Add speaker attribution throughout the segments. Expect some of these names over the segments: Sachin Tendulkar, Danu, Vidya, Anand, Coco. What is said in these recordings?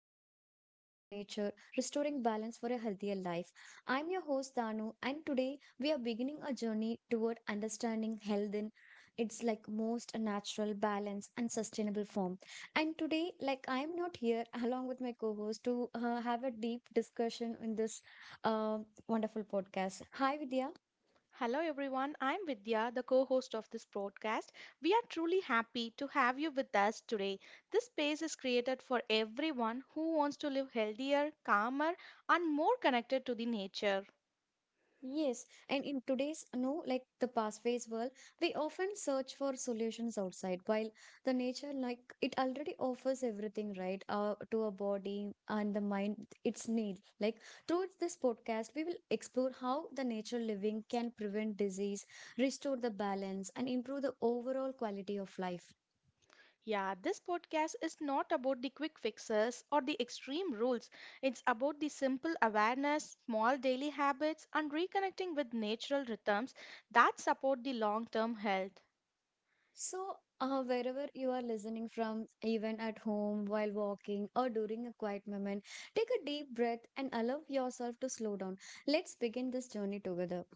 Speaker 1: podcast, Healing Through Nature Restoring Balance for a Healthier Life. I'm your host, Danu, and today we are beginning a journey toward understanding health in its like most natural, balanced, and sustainable form. And today, like I'm not here along with my co host to have a deep discussion in this uh, wonderful podcast. Hi, Vidya.
Speaker 2: Hello everyone, I'm Vidya, the co host of this podcast. We are truly happy to have you with us today. This space is created for everyone who wants to live healthier, calmer, and more connected to the nature.
Speaker 1: Yes, and in today's no like the fast-paced world, we often search for solutions outside. While the nature like it already offers everything right to our body and the mind its need. Like through this podcast, we will explore how the nature living can prevent disease, restore the balance, and improve the overall quality of life.
Speaker 2: Yeah, this podcast is not about the quick fixes or the extreme rules. It's about the simple awareness, small daily habits, and reconnecting with natural rhythms that support the long term health.
Speaker 1: So, wherever you are listening from, even at home, while walking, or during a quiet moment, take a deep breath and allow yourself to slow down. Let's begin this journey together.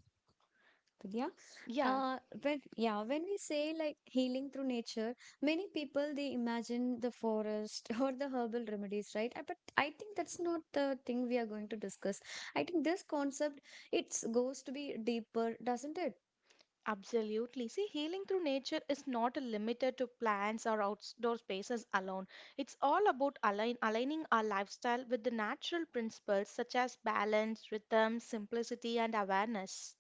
Speaker 1: Vidya,
Speaker 2: Yeah,
Speaker 1: when we say like healing through nature, many people they imagine the forest or the herbal remedies, right? But I think that's not the thing we are going to discuss. I think this concept it's goes to be deeper, doesn't it?
Speaker 2: absolutely. See, healing through nature is not limited to plants or outdoor spaces alone. It's all about aligning our lifestyle with the natural principles such as balance, rhythm, simplicity, and awareness.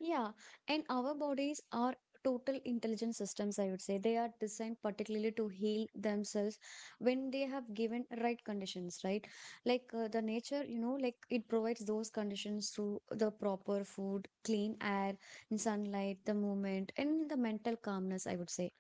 Speaker 1: Yeah, and our bodies are total intelligent systems, I would say. They are designed particularly to heal themselves when they have given right conditions, right? Like the nature, you know, like it provides those conditions through the proper food, clean air, and sunlight, the movement, and the mental calmness, I would say.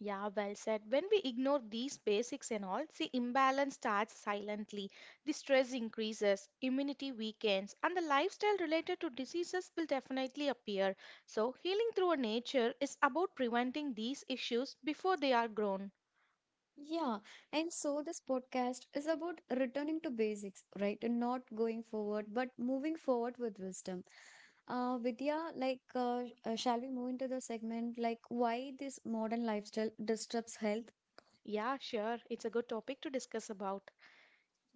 Speaker 2: Yeah, well said. When we ignore these basics and all, see, imbalance starts silently. The stress increases, immunity weakens, and the lifestyle related to diseases will definitely appear. So, healing through nature is about preventing these issues before they are grown.
Speaker 1: Yeah, and so this podcast is about returning to basics, right? And not going forward, but moving forward with wisdom. Vidya, like, shall we move into the segment like why this modern lifestyle disturbs health?
Speaker 2: Yeah, sure. It's a good topic to discuss about.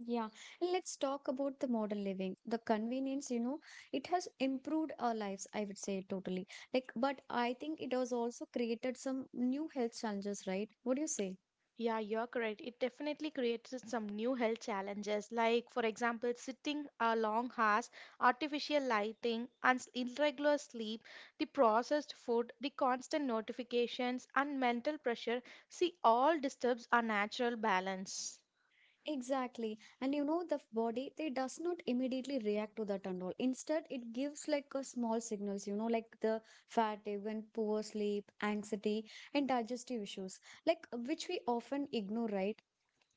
Speaker 1: Yeah, and let's talk about the modern living. The convenience, you know, it has improved our lives, I would say totally. Like, but I think it has also created some new health challenges, right? What do you say?
Speaker 2: Yeah, you're correct. It definitely creates some new health challenges, like, for example, sitting a long hours, artificial lighting, and irregular sleep, the processed food, the constant notifications, and mental pressure. See, all disturbs our natural balance.
Speaker 1: Exactly. And you know, body, they does not immediately react to that and all. Instead, it gives like a small signals, you know, like the fatigue and poor sleep, anxiety, and digestive issues, like which we often ignore, right?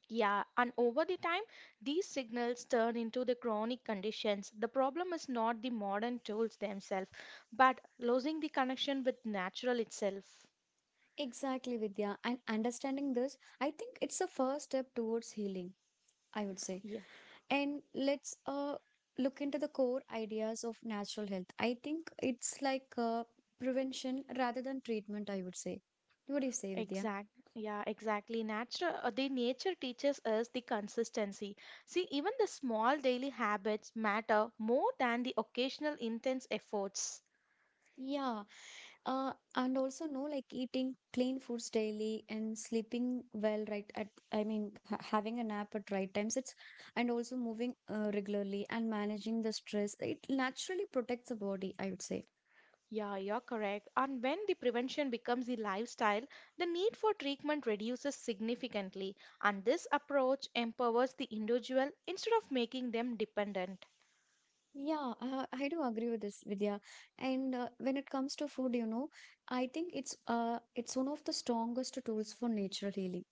Speaker 2: Yeah, and over the time, these signals turn into the chronic conditions. The problem is not the modern tools themselves, but losing the connection with natural itself.
Speaker 1: Exactly, Vidya. And understanding this, I think it's a first step towards healing, I would say.
Speaker 2: Yeah,
Speaker 1: And let's look into the core ideas of natural health. I think it's like prevention rather than treatment, I would say. What do you say, Vidya?
Speaker 2: exact. Yeah, exactly. The nature teaches us the consistency. See, even the small daily habits matter more than the occasional intense efforts.
Speaker 1: Yeah, and also no like eating clean foods daily and sleeping well right at I mean ha having a nap at right times it's and also moving regularly and managing the stress it naturally protects the body, I would say.
Speaker 2: Yeah, you're correct. And when the prevention becomes the lifestyle, the need for treatment reduces significantly. And this approach empowers the individual instead of making them dependent.
Speaker 1: Yeah, I do agree with this, Vidya, and when it comes to food, you know, I think it's one of the strongest tools for nature healing.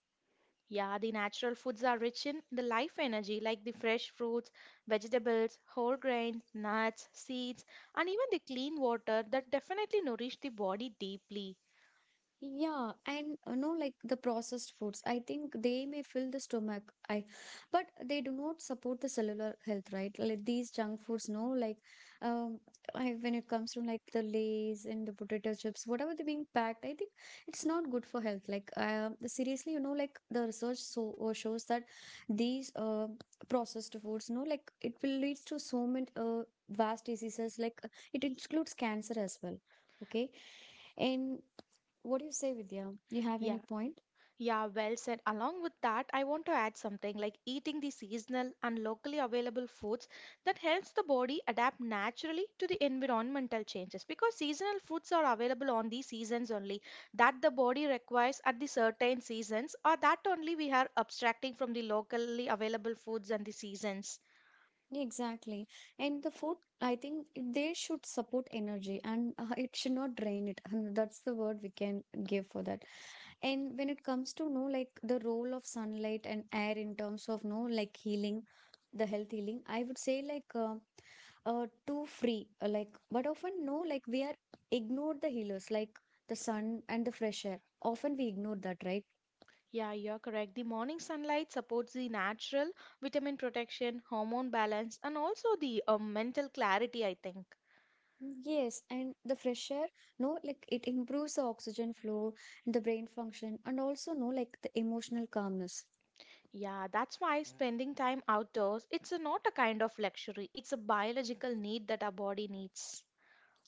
Speaker 2: Yeah, the natural foods are rich in the life energy, like the fresh fruits, vegetables, whole grains, nuts, seeds, and even the clean water that definitely nourish the body deeply.
Speaker 1: Yeah, and you know, like the processed foods, I think they may fill the stomach, I, but they do not support the cellular health, right? Like these junk foods, no, like, um, I when it comes to like the Lays and the potato chips, whatever they're being packed, I think it's not good for health. Like, seriously, you know, like the research shows that these processed foods, no, like it will leads to so many vast diseases. Like it includes cancer as well. Okay, and what do you say, Vidya? You have any
Speaker 2: Yeah,
Speaker 1: point?
Speaker 2: yeah, well said. Along with that, I want to add something like eating the seasonal and locally available foods that helps the body adapt naturally to the environmental changes because seasonal foods are available on the seasons only that the body requires at the certain seasons or that only we are abstracting from the locally available foods and the seasons.
Speaker 1: Yeah, exactly. And the food, I think it- they should support energy and it should not drain it. And that's the word we can give for that. And when it comes to know like the role of sunlight and air in terms of no like healing, the health healing, I would say like too free like but often no like we are ignored the healers like the sun and the fresh air often we ignore that, right?
Speaker 2: Yeah, you're correct. The morning sunlight supports the natural vitamin protection, hormone balance, and also the mental clarity, I think.
Speaker 1: Yes, and the fresh air, no, like it improves the oxygen flow and the brain function, and also, no, like the emotional calmness.
Speaker 2: Yeah, that's why spending time outdoors, it's a not a kind of luxury, it's a biological need that our body needs.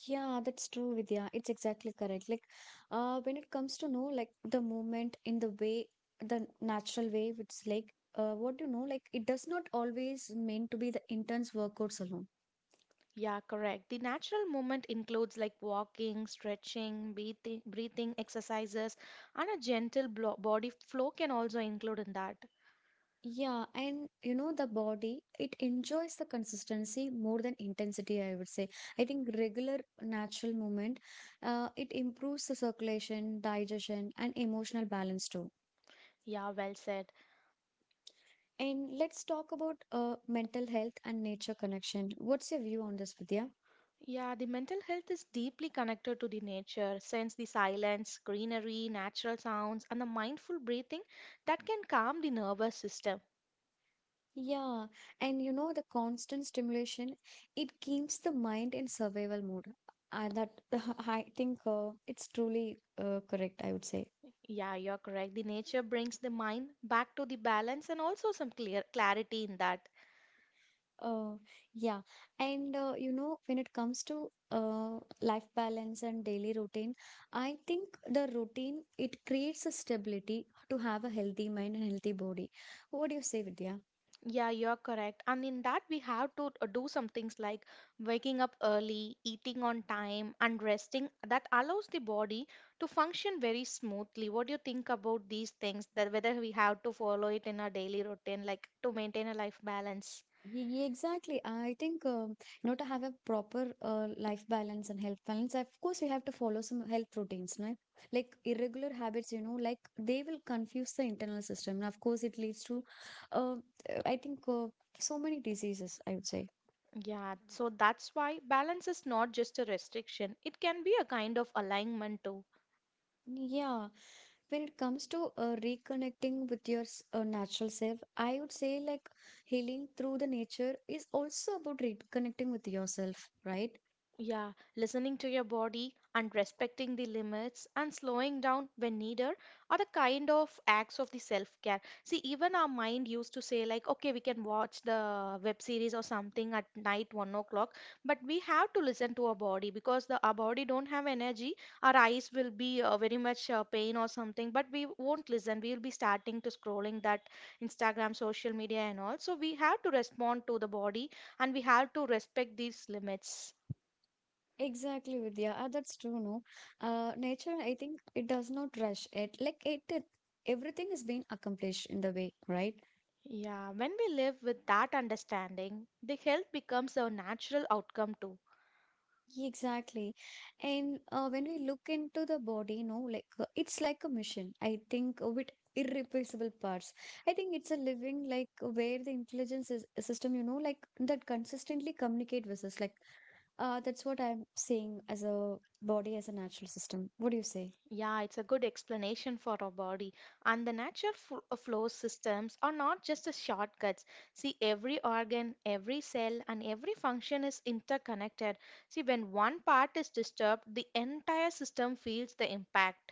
Speaker 1: Yeah, that's true, Vidya. It's exactly correct. Like, when it comes to know, like the movement in the way, the natural way, it's like, what do you know, like it does not always mean to be the intense workouts alone.
Speaker 2: Yeah, correct. The natural movement includes like walking, stretching, breathing exercises, and a gentle body flow can also include in that.
Speaker 1: Yeah, and you know, the body, it enjoys the consistency more than intensity, I would say. I think regular natural movement, it improves the circulation, digestion, and emotional balance too.
Speaker 2: Yeah, well said.
Speaker 1: And let's talk about mental health and nature connection. What's your view on this, Vidya?
Speaker 2: Yeah, the mental health is deeply connected to the nature, since the silence, greenery, natural sounds, and the mindful breathing that can calm the nervous system.
Speaker 1: Yeah, and you know, the constant stimulation, it keeps the mind in survival mode. That I think it's truly correct, I would say.
Speaker 2: Yeah, you're correct. The nature brings the mind back to the balance and also some clear clarity in that.
Speaker 1: Uh, yeah, and you know, when it comes to life balance and daily routine, I think the routine it creates a stability to have a healthy mind and healthy body. What do you say, Vidya?
Speaker 2: Yeah, you're correct. And in that, we have to do some things like waking up early, eating on time, and resting. That allows the body to function very smoothly. What do you think about these things? That whether we have to follow it in our daily routine, like to maintain a life balance.
Speaker 1: Exactly. I think you know to have a proper life balance and health balance, of course, we have to follow some health routines, right? Like irregular habits, you know, like they will confuse the internal system. And of course, it leads to, uh, I think, uh, so many diseases, I would say.
Speaker 2: Yeah, so that's why balance is not just a restriction, it can be a kind of alignment too.
Speaker 1: Yeah, when it comes to reconnecting with your natural self, I would say like healing through the nature is also about reconnecting with yourself, right?
Speaker 2: Yeah, listening to your body and respecting the limits and slowing down when needed are the kind of acts of the self-care. See, even our mind used to say like, okay, we can watch the web series or something at night 1 o'clock, but we have to listen to our body because the our body don't have energy. Our eyes will be very much pain or something, but we won't listen. We will be starting to scrolling that Instagram, social media, and all. So we have to respond to the body and we have to respect these limits.
Speaker 1: Exactly, Vidya. Ah, that's true, no? Nature, I think it does not rush it. Everything is being accomplished in the way, right?
Speaker 2: Yeah, when we live with that understanding, the health becomes a natural outcome too.
Speaker 1: Exactly. And when we look into the body, no, like it's like a mission, I think, with irreplaceable parts. I think it's a living, like, where the intelligence is a system, you know, like that consistently communicate with us. Like, that's what I'm saying as a body, as a natural system. What do you say?
Speaker 2: Yeah, it's a good explanation for our body. And the flow systems are not just a shortcuts. See, every organ, every cell, and every function is interconnected. See, when one part is disturbed, the entire system feels the impact.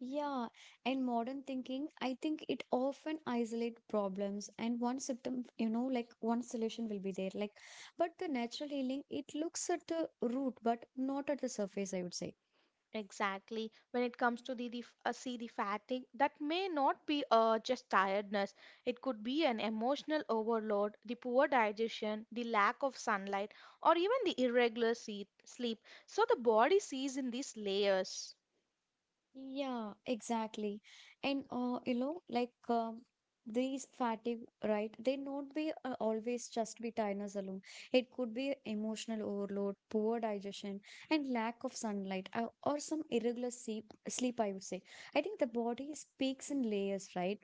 Speaker 1: Yeah, and modern thinking, I think it often isolate problems and one symptom, you know, like one solution will be there. Like, but the natural healing, it looks at the root, but not at the surface, I would say.
Speaker 2: Exactly. When it comes to see the fatigue, that may not be just tiredness. It could be an emotional overload, the poor digestion, the lack of sunlight, or even the sleep. So the body sees in these layers.
Speaker 1: Yeah, exactly. And you know, like these fatigue, right? They not be always just be tiredness alone. It could be emotional overload, poor digestion, and lack of sunlight, or some irregular sleep, I would say. I think the body speaks in layers, right?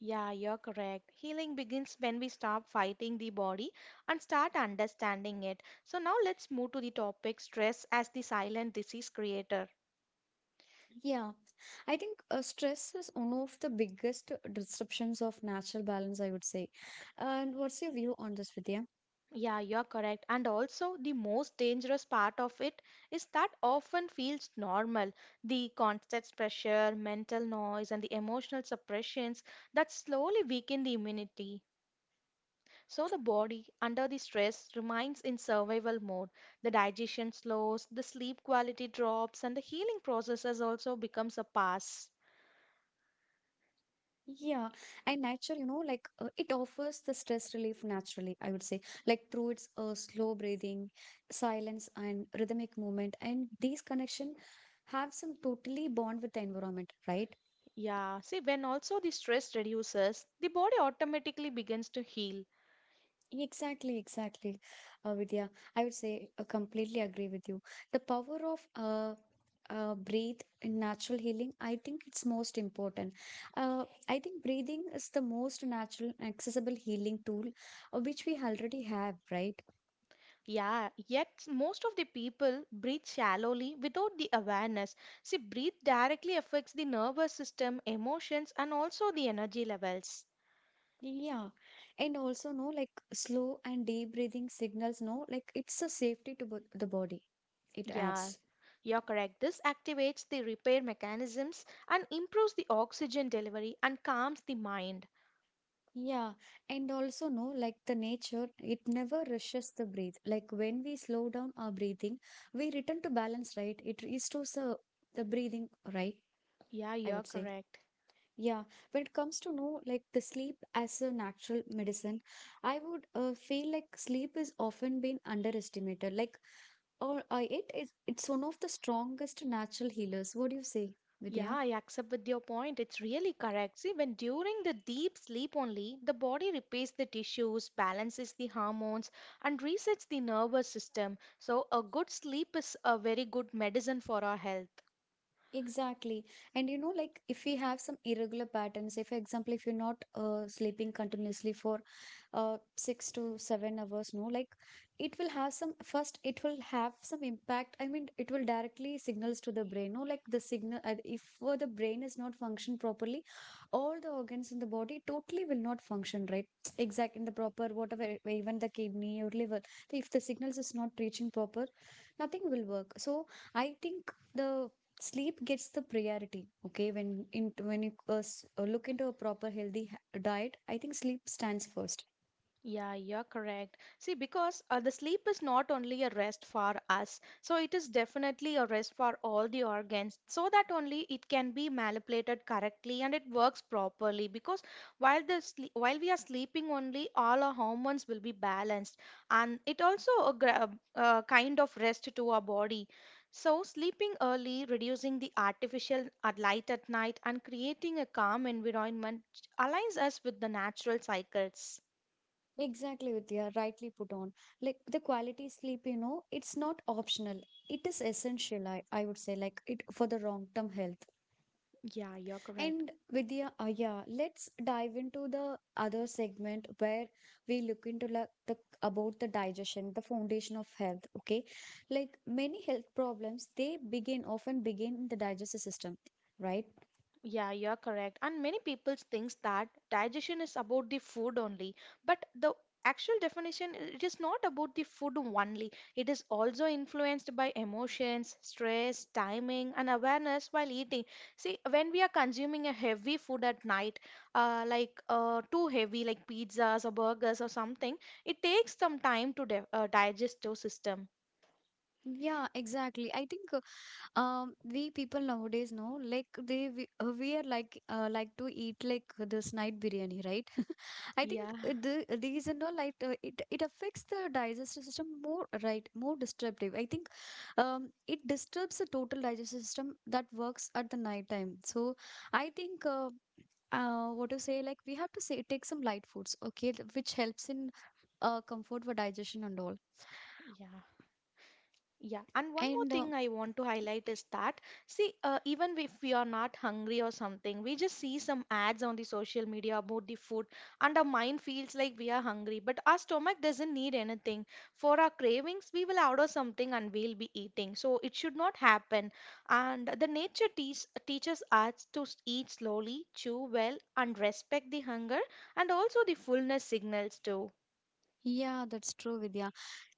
Speaker 2: Yeah, you're correct. Healing begins when we stop fighting the body and start understanding it. So now let's move to the topic stress as the silent disease creator.
Speaker 1: Yeah, I think stress is one of the biggest disruptions of natural balance, I would say. And what's your view on this, Vidya?
Speaker 2: Yeah, you're correct. And also, the most dangerous part of it is that often feels normal. The constant pressure, mental noise, and the emotional suppressions that slowly weaken the immunity. So, the body, under the stress, remains in survival mode. The digestion slows, the sleep quality drops, and the healing processes also becomes a pass.
Speaker 1: Yeah, and nature, you know, like it offers the stress relief naturally, I would say, like through its slow breathing, silence, and rhythmic movement. And these connection have some totally bond with the environment, right?
Speaker 2: Yeah, see, when also the stress reduces, the body automatically begins to heal.
Speaker 1: Exactly, exactly, Vidya. I would say completely agree with you. The power of breathe in natural healing, I think it's most important. I think breathing is the most natural, accessible healing tool which we already have, right?
Speaker 2: Yeah, yet most of the people breathe shallowly without the awareness. See, breathe directly affects the nervous system, emotions, and also the energy levels.
Speaker 1: Yeah, and also no like slow and deep breathing signals. No, like it's a safety to the body. It
Speaker 2: Yeah,
Speaker 1: adds.
Speaker 2: you're correct. This activates the repair mechanisms and improves the oxygen delivery and calms the mind.
Speaker 1: Yeah, and also no, like the nature, it never rushes the breath. Like when we slow down our breathing, we return to balance, right? It restores the breathing, right?
Speaker 2: Yeah,
Speaker 1: I
Speaker 2: you're
Speaker 1: would say.
Speaker 2: correct.
Speaker 1: Yeah, when it comes to no, like the sleep as a natural medicine, I would feel like sleep is often been underestimated. Like, or it's one of the strongest natural healers. What do you say,
Speaker 2: Yeah,
Speaker 1: Vidya?
Speaker 2: I accept with your point. It's really correct. See, when during the deep sleep only, the body repairs the tissues, balances the hormones, and resets the nervous system. So, a good sleep is a very good medicine for our health.
Speaker 1: Exactly. And you know, like if we have some irregular patterns, say for example, if you're not sleeping continuously for 6 to 7 hours, no, like it will have some impact. I mean, it will directly signals to the brain, no, like the signal, if the brain is not functioned properly, all the organs in the body totally will not function, right? Exact in the proper, whatever, even the kidney or liver, if the signals is not reaching proper, nothing will work. So I think the sleep gets the priority, okay, when you look into a proper healthy diet, I think sleep stands first.
Speaker 2: Yeah, you're correct. See, because the sleep is not only a rest for us, so it is definitely a rest for all the organs, so that only it can be manipulated correctly and it works properly. Because while the sleep, while we are sleeping only, all our hormones will be balanced, and it also a kind of rest to our body. So, sleeping early, reducing the artificial light at night, and creating a calm environment aligns us with the natural cycles.
Speaker 1: Exactly, Vidya, rightly put on. Like the quality sleep, you know, it's not optional, it is essential, I would say, like it for the long term health.
Speaker 2: Yeah, you're correct.
Speaker 1: And Vidya, yeah, let's dive into the other segment where we look into like the about the digestion, the foundation of health. Okay, like many health problems, they begin often begin in the digestive system, right?
Speaker 2: Yeah, you're correct. And many people thinks that digestion is about the food only, but the actual definition it is not about the food only. It is also influenced by emotions, stress, timing, and awareness while eating. See, when we are consuming a heavy food at night, like too heavy, like pizzas or burgers or something, it takes some time to digest our system.
Speaker 1: Yeah, exactly. I think we people nowadays know like we are like to eat like this night biryani, right. I
Speaker 2: Yeah,
Speaker 1: think these and all, like it affects the digestive system more, right? More disruptive, I think it disturbs the total digestive system that works at the night time. So I think what to say, like we have to say take some light foods, okay, which helps in comfort for digestion and all.
Speaker 2: yeah. Yeah, and one more
Speaker 1: And
Speaker 2: thing I want to highlight is that, see, even if we are not hungry or something, we just see some ads on the social media about the food, and our mind feels like we are hungry, but our stomach doesn't need anything. For our cravings, we will order something and we'll be eating. So it should not happen. And the teaches us to eat slowly, chew well, and respect the hunger and also the fullness signals too.
Speaker 1: yeah, that's true, Vidya.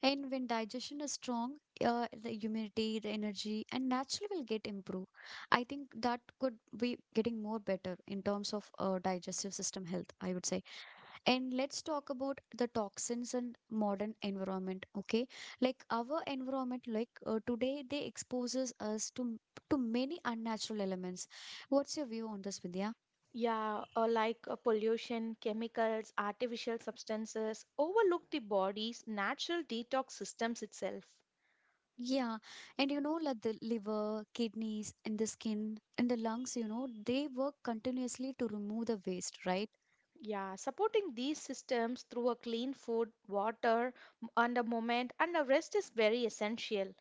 Speaker 1: And when digestion is strong, the immunity, the energy, and naturally will get improved. I think that could be getting more better in terms of digestive system health, I would say. And let's talk about the toxins and modern environment. Okay, like our environment, like today, they exposes us to many unnatural elements. What's your view on this, Vidya?
Speaker 2: Yeah, or like pollution, chemicals, artificial substances overlook the body's natural detox systems itself.
Speaker 1: Yeah, and you know, like the liver, kidneys, and the skin and the lungs, you know, they work continuously to remove the waste, right?
Speaker 2: Yeah, supporting these systems through a clean food, water, and a moment and a rest is very essential.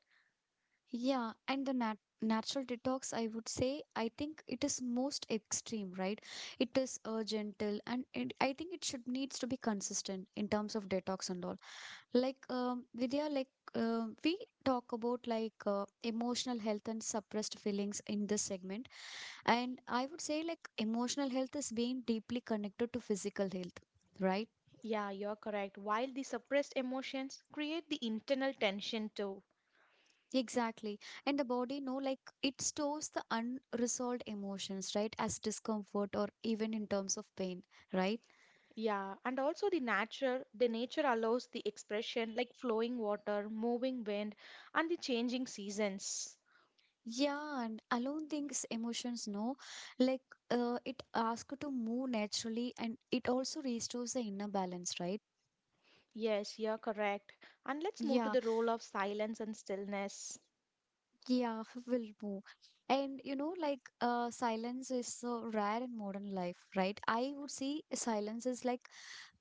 Speaker 1: Yeah, and the natural detox, I would say, I think it is most extreme, right? It is gentle, and it, I think it should needs to be consistent in terms of detox and all. Like Vidya, like we talk about like emotional health and suppressed feelings in this segment. And I would say, like, emotional health is being deeply connected to physical health, right?
Speaker 2: Yeah, you're correct. While the suppressed emotions create the internal tension too.
Speaker 1: Exactly. And the body, no, like, it stores the unresolved emotions, right? As discomfort or even in terms of pain, right?
Speaker 2: Yeah, and also the nature allows the expression like flowing water, moving wind, and the changing seasons.
Speaker 1: Yeah. And alone things, emotions, no, like, it asks you to move naturally and it also restores the inner balance, right?
Speaker 2: Yes, you're correct. And let's move to
Speaker 1: Yeah.
Speaker 2: the role of silence and stillness.
Speaker 1: Yeah, will move. And you know, like silence is so rare in modern life, right? I would say silence is like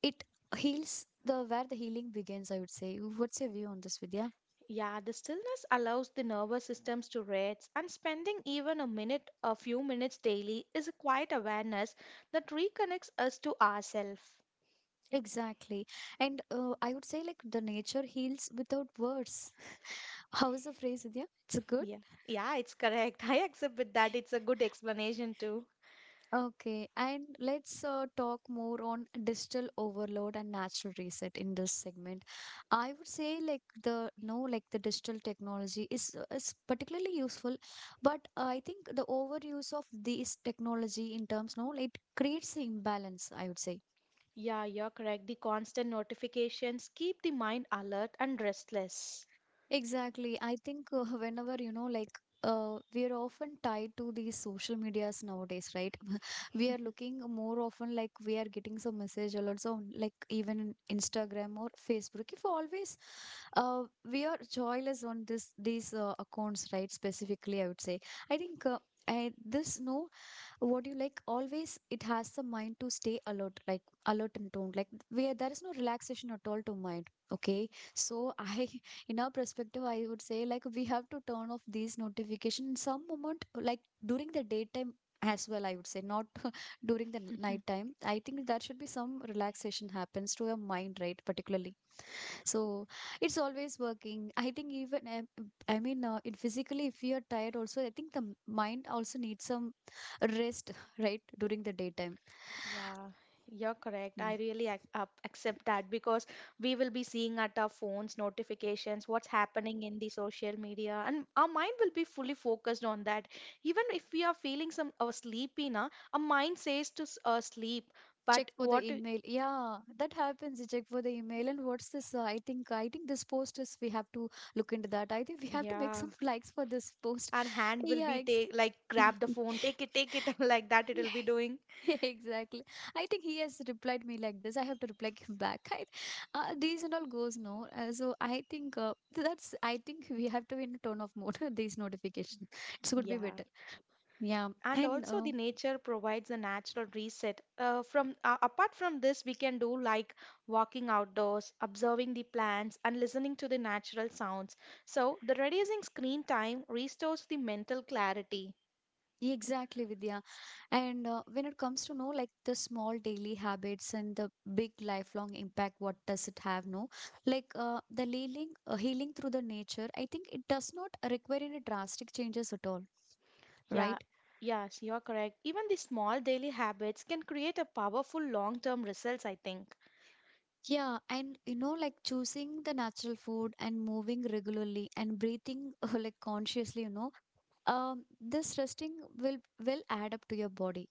Speaker 1: it heals the where the healing begins, I would say. What's your view on this, Vidya?
Speaker 2: Yeah, the stillness allows the nervous systems to rest, and spending even a few minutes daily is a quiet awareness that reconnects us to ourselves.
Speaker 1: Exactly. And I would say like the nature heals without words. How is the phrase, Vidya? It's a good?
Speaker 2: Yeah, yeah, it's correct. I accept with that. It's a good explanation too.
Speaker 1: Okay, and let's talk more on digital overload and natural reset in this segment. I would say like the no like the digital technology is particularly useful, but I think the overuse of this technology in terms no it creates an imbalance, I would say.
Speaker 2: Yeah, you're correct. The constant notifications keep the mind alert and restless.
Speaker 1: Exactly. I think whenever, you know, like we're often tied to these social medias nowadays, right? We are looking more often like we are getting some message alerts on like even in Instagram or Facebook. If always uh, we are joyless on this these accounts, right? Specifically, I would say. I think I, this no what do you like always it has the mind to stay alert, like alert and toned, like where there is no relaxation at all to mind. Okay, so I in our perspective I would say like we have to turn off these notifications in some moment, like during the daytime as well, I would say, not during the night time. I think that should be some relaxation happens to your mind, right? Particularly, so it's always working, I think. Even it physically if you're tired also, I think the mind also needs some rest right during the daytime.
Speaker 2: Yeah, you're correct. I
Speaker 1: Yeah.
Speaker 2: really ac up accept that because we will be seeing at our phones notifications what's happening in the social media, and our mind will be fully focused on that. Even if we are feeling some sleepy, na, our mind says to sleep,
Speaker 1: Check
Speaker 2: but
Speaker 1: for the
Speaker 2: what? Do-
Speaker 1: email, yeah, that happens. You check for the email and what's this, I think this post is we have to look into that. I think we have to make
Speaker 2: yeah,
Speaker 1: some likes for this post.
Speaker 2: our hand will
Speaker 1: Yeah
Speaker 2: be
Speaker 1: ex-
Speaker 2: take like grab the phone, take it, like that. It will be doing.
Speaker 1: Exactly. I think he has replied me like this. I have to reply him back. These and all goes no. So I think that's. I think we have to be in a tone of mode. These notifications, it would be
Speaker 2: Yeah,
Speaker 1: better. Yeah,
Speaker 2: and
Speaker 1: and
Speaker 2: also the nature provides a natural reset from apart from this we can do like walking outdoors observing the plants and listening to the natural sounds, so the reducing screen time restores the mental clarity.
Speaker 1: exactly, Vidya. And when it comes to know like the small daily habits and the big lifelong impact, what does it have? No, like healing through the nature. I think it does not require any drastic changes at all,
Speaker 2: Yeah,
Speaker 1: right?
Speaker 2: yes, you are correct, even the small daily habits can create a powerful long term results, I think.
Speaker 1: Yeah, and you know, like choosing the natural food and moving regularly and breathing like consciously, you know, this resting will add up to your body,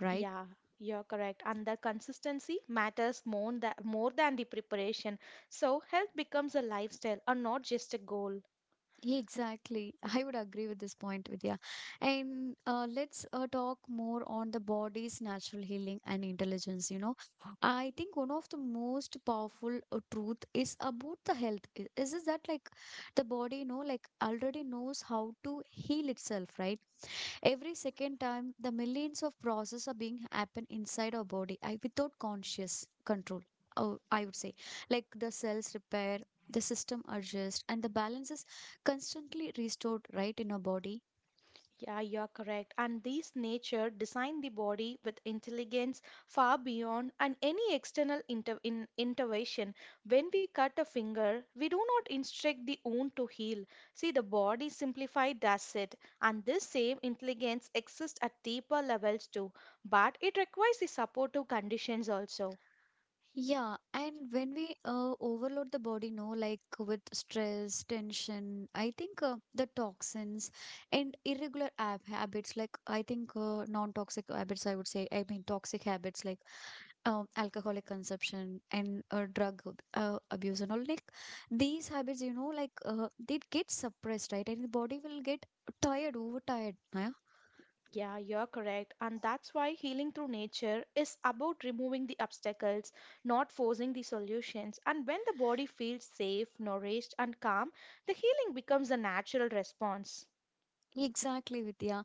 Speaker 1: right?
Speaker 2: Yeah, you're correct, and the consistency matters more than the preparation, so health becomes a lifestyle and not just a goal.
Speaker 1: Yeah, exactly. I would agree with this point, Vidya. And let's talk more on the body's natural healing and intelligence. You know, I think one of the most powerful truth is about the health. Is that like the body, you know, like already knows how to heal itself, right? Every second time, the millions of processes are being happen inside our body I, without conscious control. Oh, I would say, like the cells repair, the system adjust, and the balance is constantly restored right in our body.
Speaker 2: Yeah, you're correct. And these nature design the body with intelligence far beyond and any external intervention. When we cut a finger, we do not instruct the wound to heal. See, the body simplified does it, and this same intelligence exists at deeper levels too, but it requires the supportive conditions also.
Speaker 1: Yeah, and when we overload the body, no, like with stress, tension, I think the toxins and irregular ab habits, like I think non-toxic habits, I would say, I mean toxic habits like alcoholic consumption and abuse and all, like these habits, you know, like they get suppressed, right? And the body will get tired, overtired. Yeah,
Speaker 2: Yeah, you're correct. And that's why healing through nature is about removing the obstacles, not forcing the solutions. And when the body feels safe, nourished, and calm, the healing becomes a natural response.
Speaker 1: exactly, Vidya.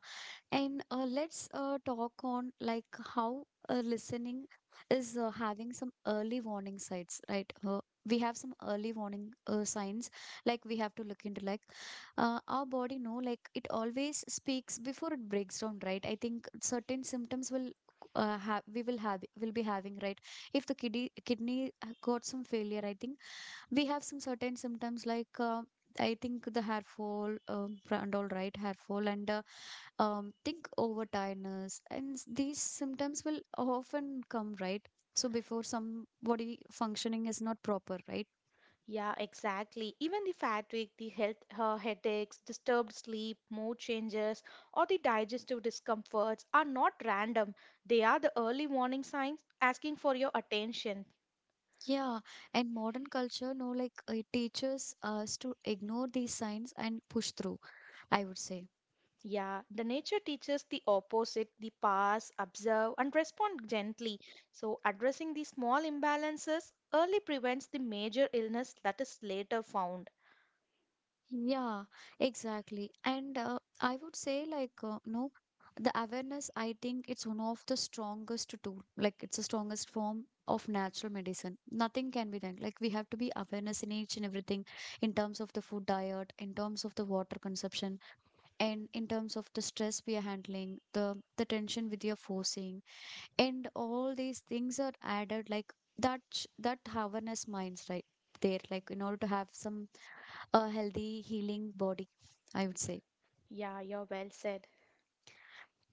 Speaker 1: And let's talk on like how listening is having some early warning signs, right? We have some early warning signs, like we have to look into like our body know like it always speaks before it breaks down, right? I think certain symptoms will have we will have will be having, right? If the kidney got some failure, I think we have some certain symptoms like. I think the hair fall, and all, right, hair fall and think over tiredness and these symptoms will often come, right? So before somebody functioning is not proper, right?
Speaker 2: Yeah, exactly. Even the fatigue, the health headaches, disturbed sleep, mood changes, or the digestive discomforts are not random. They are the early warning signs asking for your attention.
Speaker 1: Yeah, and modern culture no like it teaches us to ignore these signs and push through, I would say.
Speaker 2: Yeah, the nature teaches the opposite, the pass, observe, and respond gently. So, addressing the small imbalances early prevents the major illness that is later found.
Speaker 1: Yeah, exactly. And I would say, like, no, the awareness, I think it's one of the strongest tool. Like, it's the strongest form of natural medicine. Nothing can be done. Like, we have to be awareness in each and everything in terms of the food diet, in terms of the water consumption, and in terms of the stress we are handling, the tension with your forcing, and all these things are added like that that awareness minds, right? There, like in order to have some a healthy healing body, I would say.
Speaker 2: Yeah, you're well said.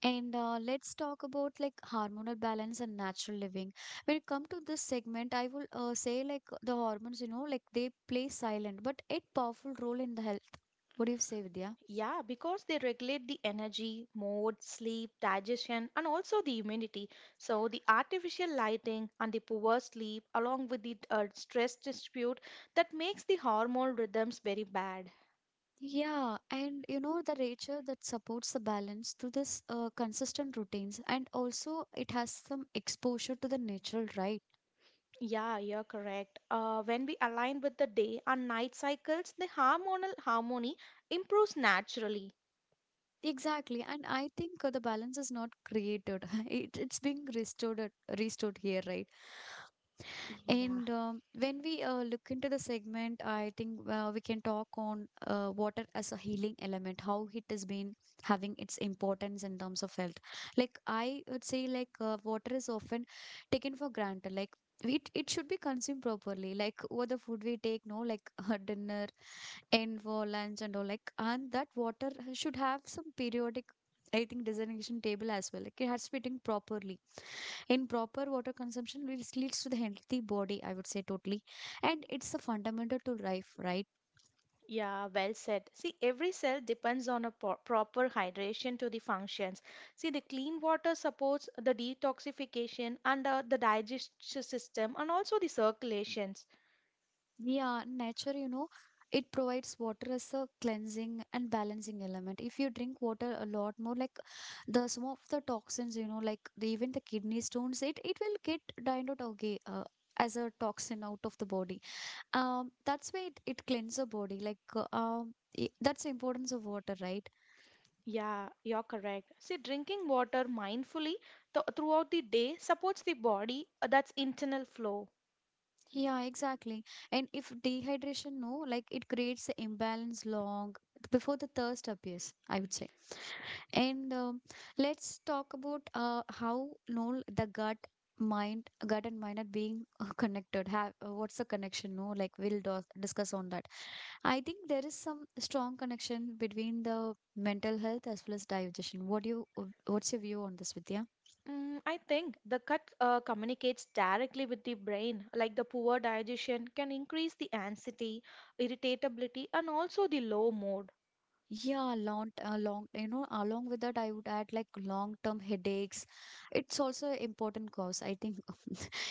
Speaker 1: And Let's talk about like hormonal balance and natural living. When it come to this segment, I will say like the hormones, you know, like they play silent but a powerful role in the health. What do you say, Vidya?
Speaker 2: Yeah, because they regulate the energy, mood, sleep, digestion, and also the immunity. So, the artificial lighting and the poor sleep, along with the stress dispute, that makes the hormone rhythms very bad.
Speaker 1: Yeah, and you know the nature that supports the balance through this consistent routines and also it has some exposure to the natural, right?
Speaker 2: Yeah, you're correct. When we align with the day and night cycles, the hormonal harmony improves naturally.
Speaker 1: Exactly, and I think the balance is not created, it's being restored, here, right?
Speaker 2: Yeah,
Speaker 1: And when we look into the segment, I think we can talk on water as a healing element, how it has been having its importance in terms of health. Like I would say, like water is often taken for granted. Like it should be consumed properly, like what the food we take, no, like dinner and for lunch and all, like and that water should have some periodic. I think designation table as well. Like it has to be taken properly. Improper water consumption leads to the healthy body, I would say, totally. And it's a fundamental to life, right?
Speaker 2: yeah, well said. See, every cell depends on a po proper hydration to the functions. See, the clean water supports the detoxification and the digestive system and also the circulations.
Speaker 1: Yeah, nature, you know, it provides water as a cleansing and balancing element. If you drink water a lot more, like, the some of the toxins, you know, like the, even the kidney stones, it will get dined out. Okay, as a toxin out of the body. That's why it cleans the body, like that's the importance of water, right?
Speaker 2: Yeah, you're correct. See, drinking water mindfully th throughout the day supports the body, that's internal flow.
Speaker 1: Yeah, exactly. And if dehydration, no, like it creates the imbalance long before the thirst appears, I would say. And let's talk about how no the gut and mind are being connected have what's the connection, no, like we'll discuss on that. I think there is some strong connection between the mental health as well as digestion. What do you what's your view on this, Vidya?
Speaker 2: Mm, I think the gut communicates directly with the brain, like the poor digestion can increase the anxiety, irritability, and also the low mood.
Speaker 1: Yeah, long, you know, along with that, I would add like long-term headaches. It's also an important cause. I think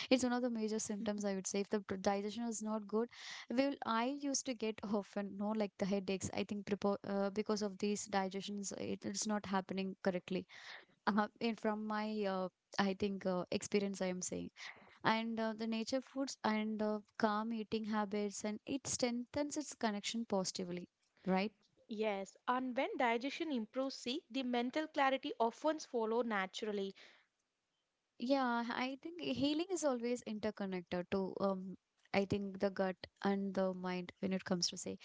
Speaker 1: it's one of the major symptoms, I would say. If the digestion is not good, well, I used to get often, no, like the headaches. I think prepo because of these digestions, it's not happening correctly. And from my, I think, experience, I am saying. And the nature foods and calm eating habits, and it strengthens its connection positively. Right.
Speaker 2: Yes, and when digestion improves, see, the mental clarity often follow naturally.
Speaker 1: Yeah, I think healing is always interconnected to I think the gut and the mind when it comes to say.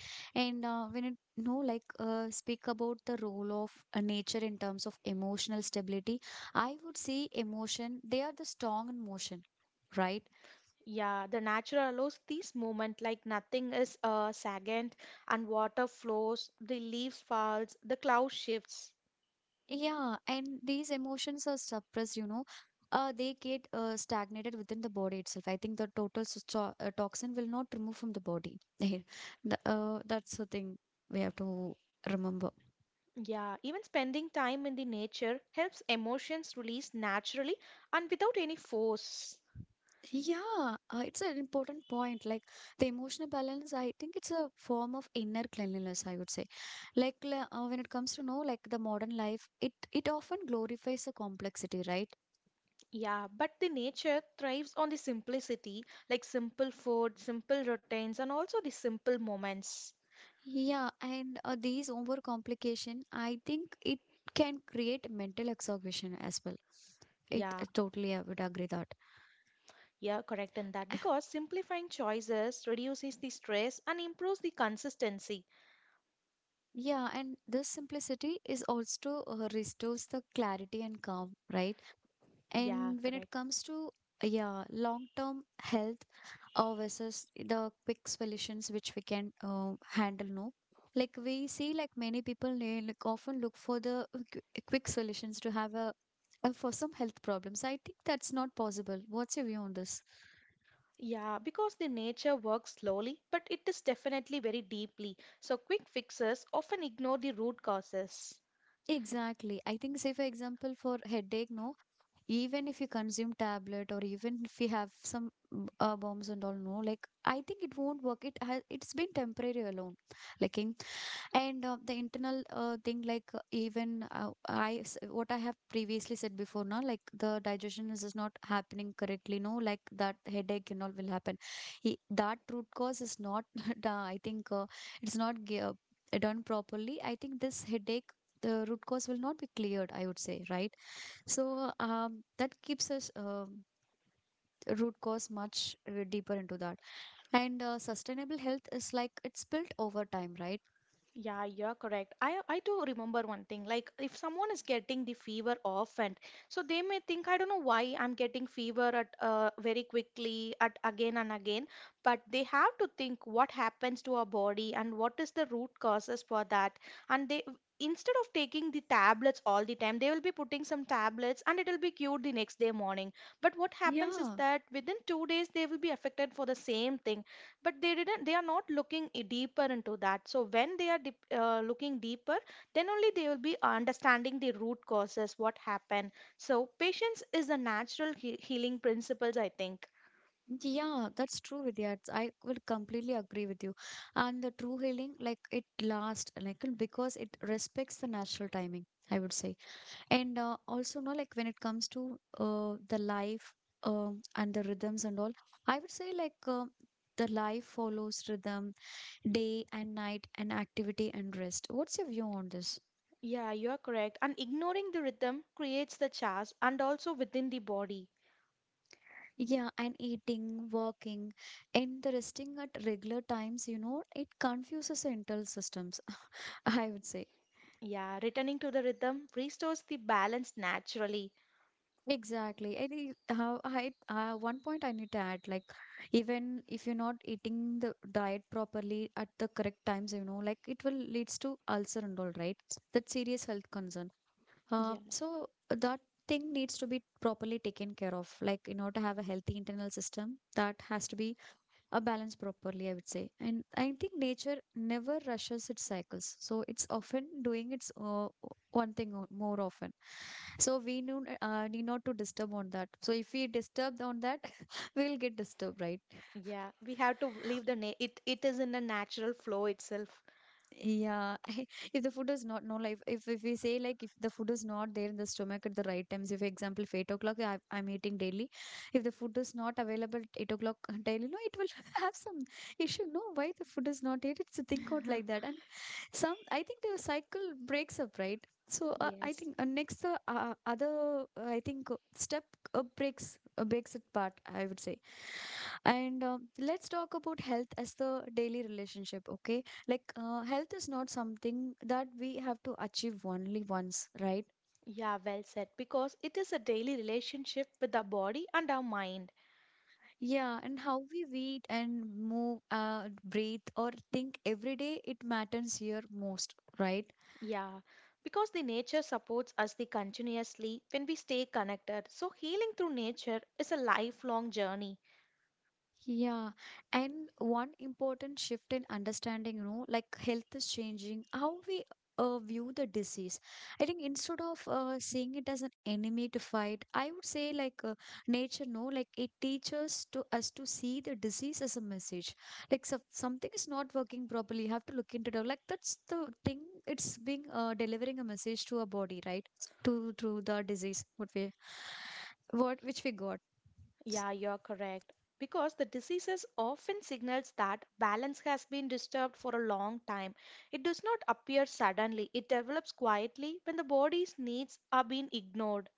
Speaker 1: And when it, no like, speak about the role of nature in terms of emotional stability, I would say emotion, they are the strong in motion, right?
Speaker 2: Yeah, the natural allows this movement, like nothing is stagnant, and water flows, the leaves falls, the cloud shifts.
Speaker 1: Yeah, and these emotions are suppressed. They get stagnated within the body itself. I think the total toxin will not remove from the body. That's the thing we have to remember.
Speaker 2: Yeah, even spending time in the nature helps emotions release naturally and without any force.
Speaker 1: Yeah, it's an important point. Like the emotional balance, I think it's a form of inner cleanliness, I would say. Like when it comes to know, like the modern life, it often glorifies the complexity, right?
Speaker 2: Yeah, but the nature thrives on the simplicity, like simple food, simple routines, and also the simple moments.
Speaker 1: Yeah, and these overcomplication, I think it can create mental exhaustion as well. It
Speaker 2: Yeah,
Speaker 1: Totally, I would agree that.
Speaker 2: yeah, correct in that because simplifying choices reduces the stress and improves the consistency.
Speaker 1: Yeah, and this simplicity is also restores the clarity and calm, right? And when
Speaker 2: Yeah,
Speaker 1: it comes
Speaker 2: correct.
Speaker 1: to, yeah, long-term health versus the quick solutions which we can handle, no, like we see like many people, they like often look for the quick solutions to have a, for some health problems, I think that's not possible. What's your view on this?
Speaker 2: Yeah, because the nature works slowly, but it is definitely very deeply. So quick fixes often ignore the root causes.
Speaker 1: Exactly. I think, say, for example, for headache, no, even if you consume tablet or even if you have some bombs and all, no, like I think it won't work. It's been temporary alone. Like in, and the internal thing, like even, what I have previously said before, now like the digestion is just not happening correctly, no, like that headache and all will happen. That root cause is not done, I think, it's not done properly. I think this headache, the root cause will not be cleared, I would say, right? So that keeps us, root cause much deeper into that. And sustainable health is like it's built over time, right?
Speaker 2: Yeah, you're correct. I do remember one thing. Like if someone is getting the fever often, so they may think, I don't know why I'm getting fever at very quickly at again and again, but they have to think what happens to our body and what is the root causes for that. And they instead of taking the tablets all the time, they will be putting some tablets and it will be cured the next day morning. But what happens is
Speaker 1: Yeah.
Speaker 2: that within 2 days they will be affected for the same thing, but they didn't, they are not looking deeper into that. So when they are deep, looking deeper, then only they will be understanding the root causes what happened. So patience is a natural healing principles, I think.
Speaker 1: Yeah, that's true, Vidya. I would completely agree with you. And the true healing, like it lasts, like because it respects the natural timing, I would say. And also, no, like when it comes to the life, and the rhythms and all, I would say like the life follows rhythm, day and night, and activity and rest. What's your view on this?
Speaker 2: Yeah, you are correct, and ignoring the rhythm creates the chaos and also within the body.
Speaker 1: Yeah, and eating, working, and the resting at regular times, you know, it confuses the internal systems. I would say.
Speaker 2: Yeah, returning to the rhythm restores the balance naturally.
Speaker 1: Exactly. I think how I, one point I need to add, like even if you're not eating the diet properly at the correct times, you know, like it will leads to ulcer and all, right? That's serious health concern. Uh,
Speaker 2: Yeah,
Speaker 1: so that thing needs to be properly taken care of. Like in order to have a healthy internal system, that has to be a balance properly, I would say. And I think nature never rushes its cycles, so it's often doing its one thing, more often. So we knew, need not to disturb on that. So if we disturb on that we'll get disturbed, right?
Speaker 2: yeah, we have to leave the it is in a natural flow itself.
Speaker 1: Yeah, if the food is not, no like, if we say like, if the food is not there in the stomach at the right times, if example if 8 o'clock I'm eating daily, if the food is not available at 8 o'clock daily, no, it will have some issue. No, why the food is not here? It's a think out like that, and some, I think the cycle breaks up, right? So I
Speaker 2: Yes.
Speaker 1: think, next the, other, I think step breaks it part, I would say. And let's talk about health as the daily relationship. Okay, like health is not something that we have to achieve only once, right?
Speaker 2: Yeah, well said. Because it is a daily relationship with our body and our mind.
Speaker 1: Yeah. And how we eat and move, breathe or think every day, it matters here most, right?
Speaker 2: Yeah, because the nature supports us the continuously when we stay connected. So healing through nature is a lifelong journey.
Speaker 1: Yeah, and one important shift in understanding, you know, like health is changing, how we view the disease. I think instead of seeing it as an enemy to fight, I would say like nature, no, like it teaches to us to see the disease as a message. Like so, something is not working properly, you have to look into it. Like that's the thing. It's being delivering a message to our body, right? To through the disease, what we, what which we got.
Speaker 2: Yeah, you're correct. Because the diseases often signals that balance has been disturbed for a long time. It does not appear suddenly. It develops quietly when the body's needs are being ignored.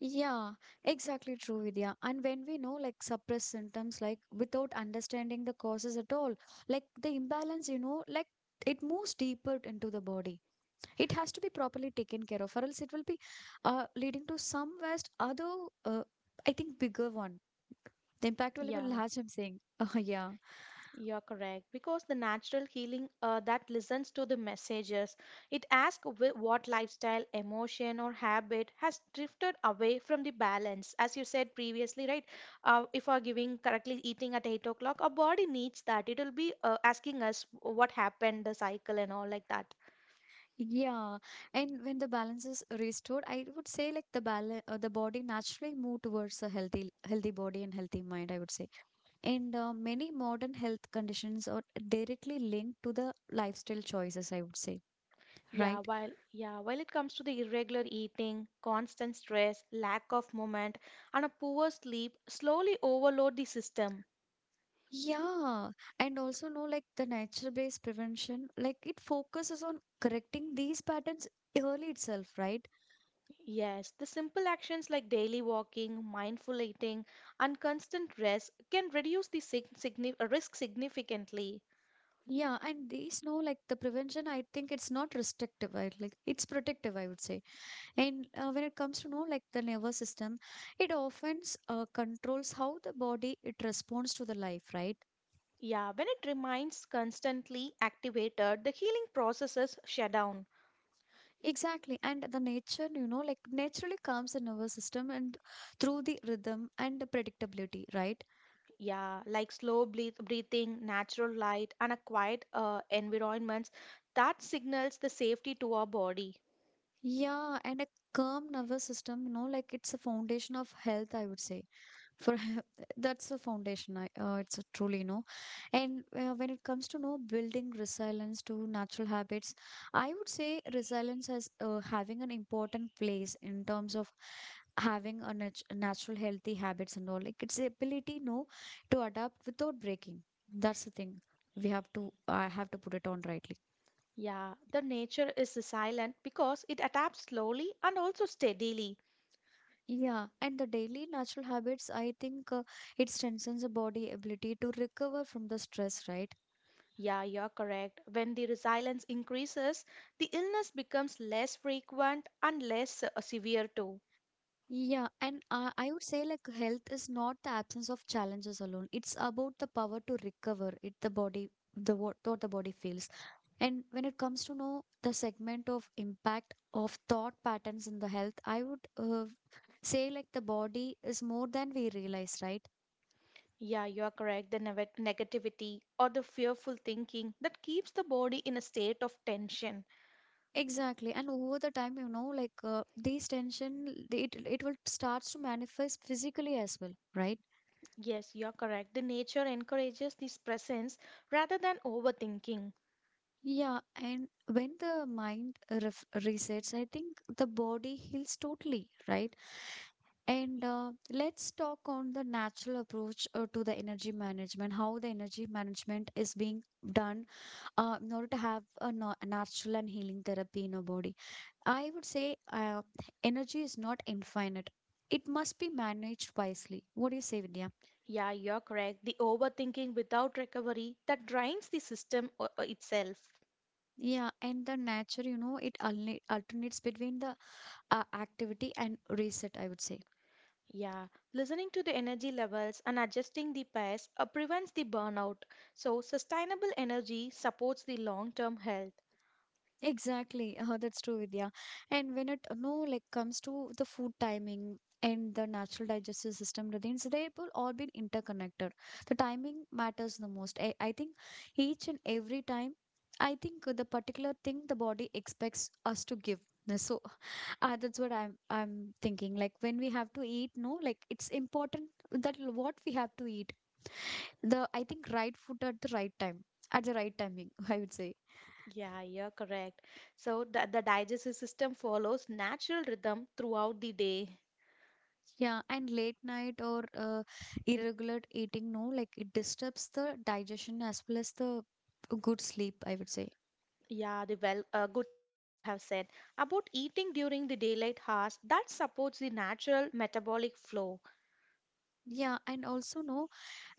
Speaker 1: Yeah, exactly true, Vidya. And when we know like suppressed symptoms, like without understanding the causes at all, like the imbalance, you know, like it moves deeper into the body. It has to be properly taken care of, or else it will be leading to some vast other, uh, I think, bigger one. The impact will be
Speaker 2: Yeah.
Speaker 1: large, I'm saying. Oh, yeah.
Speaker 2: You're correct because the natural healing that listens to the messages, it asks what lifestyle, emotion, or habit has drifted away from the balance. As you said previously, right? If we're giving correctly eating at 8 o'clock, our body needs that. It'll be asking us what happened, the cycle, and all like that.
Speaker 1: Yeah. And when the balance is restored, I would say like the balance, the body naturally move towards a healthy, healthy body and healthy mind, I would say. And many modern health conditions are directly linked to the lifestyle choices, I would say,
Speaker 2: Yeah,
Speaker 1: right?
Speaker 2: while yeah, while it comes to the irregular eating, constant stress, lack of movement, and a poor sleep slowly overload the system.
Speaker 1: Yeah, and also know like the nature-based prevention, like it focuses on correcting these patterns early itself, right?
Speaker 2: Yes, the simple actions like daily walking, mindful eating, and constant rest can reduce the risk significantly.
Speaker 1: Yeah, and these, know like the prevention, I think it's not restrictive, right? Like it's protective, I would say. And when it comes to know like the nervous system, it often controls how the body it responds to the life, right?
Speaker 2: Yeah, when it remains constantly activated, the healing processes shut down.
Speaker 1: Exactly. And the nature, you know, like naturally calms the nervous system and through the rhythm and the predictability, right?
Speaker 2: Yeah, like slow breathing, natural light, and a quiet environment that signals the safety to our body.
Speaker 1: Yeah. And a calm nervous system, you know, like it's a foundation of health, I would say. For that's the foundation I, it's a truly, you know, and when it comes to know building resilience to natural habits, I would say resilience has, having an important place in terms of having a natural healthy habits and all, like it's the ability, no, to adapt without breaking. That's the thing we have to, I have to put it on rightly.
Speaker 2: Yeah, the nature is silent because it adapts slowly and also steadily.
Speaker 1: Yeah, and the daily natural habits, I think it strengthens the body ability to recover from the stress, right?
Speaker 2: Yeah, you're correct. When the resilience increases, the illness becomes less frequent and less severe too.
Speaker 1: Yeah, and I would say like health is not the absence of challenges alone. It's about the power to recover it, the body, the what the body feels. And when it comes to know the segment of impact of thought patterns in the health, I would say like the body is more than we realize, right?
Speaker 2: Yeah, you're correct. The negativity or the fearful thinking that keeps the body in a state of tension.
Speaker 1: Exactly. And over the time, you know, like these tension, it will starts to manifest physically as well, right?
Speaker 2: Yes, you're correct. The nature encourages this presence rather than overthinking.
Speaker 1: Yeah, and when the mind ref resets, I think the body heals totally, right? And let's talk on the natural approach to the energy management, how the energy management is being done, in order to have a, no, natural and healing therapy in our body. I would say, energy is not infinite. It must be managed wisely. What do you say, Vidya?
Speaker 2: Yeah, you're correct. The overthinking without recovery that drains the system itself.
Speaker 1: Yeah, and the nature, you know, it alternates between the activity and reset, I would say.
Speaker 2: Yeah, listening to the energy levels and adjusting the pace prevents the burnout. So, sustainable energy supports the long term health.
Speaker 1: Exactly, that's true, Vidya. And when it, no like, comes to the food timing and the natural digestive system routines, they will all be interconnected. The timing matters the most. I think each and every time, I think the particular thing the body expects us to give. So that's what I'm thinking. Like when we have to eat, no, like it's important that what we have to eat. The, I think, right food at the right time, at the right timing. I would say.
Speaker 2: Yeah, you're correct. So, the digestive system follows natural rhythm throughout the day.
Speaker 1: Yeah, and late night or irregular eating, no, like it disturbs the digestion as well as the good sleep, I would say.
Speaker 2: Yeah, the well, good point you have said about eating during the daylight hours that supports the natural metabolic flow.
Speaker 1: Yeah, and also, no,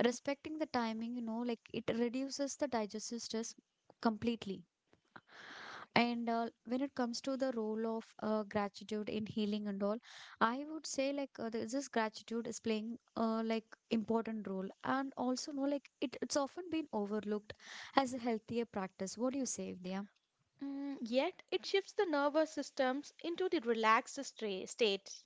Speaker 1: respecting the timing, you know, like it reduces the digestive stress completely. And when it comes to the role of gratitude in healing and all, I would say like, this gratitude is playing, like, important role, and also, no, like it's often been overlooked as a healthier practice. What do you say, Vidya?
Speaker 2: Mm, yet, it shifts the nervous systems into the relaxed state.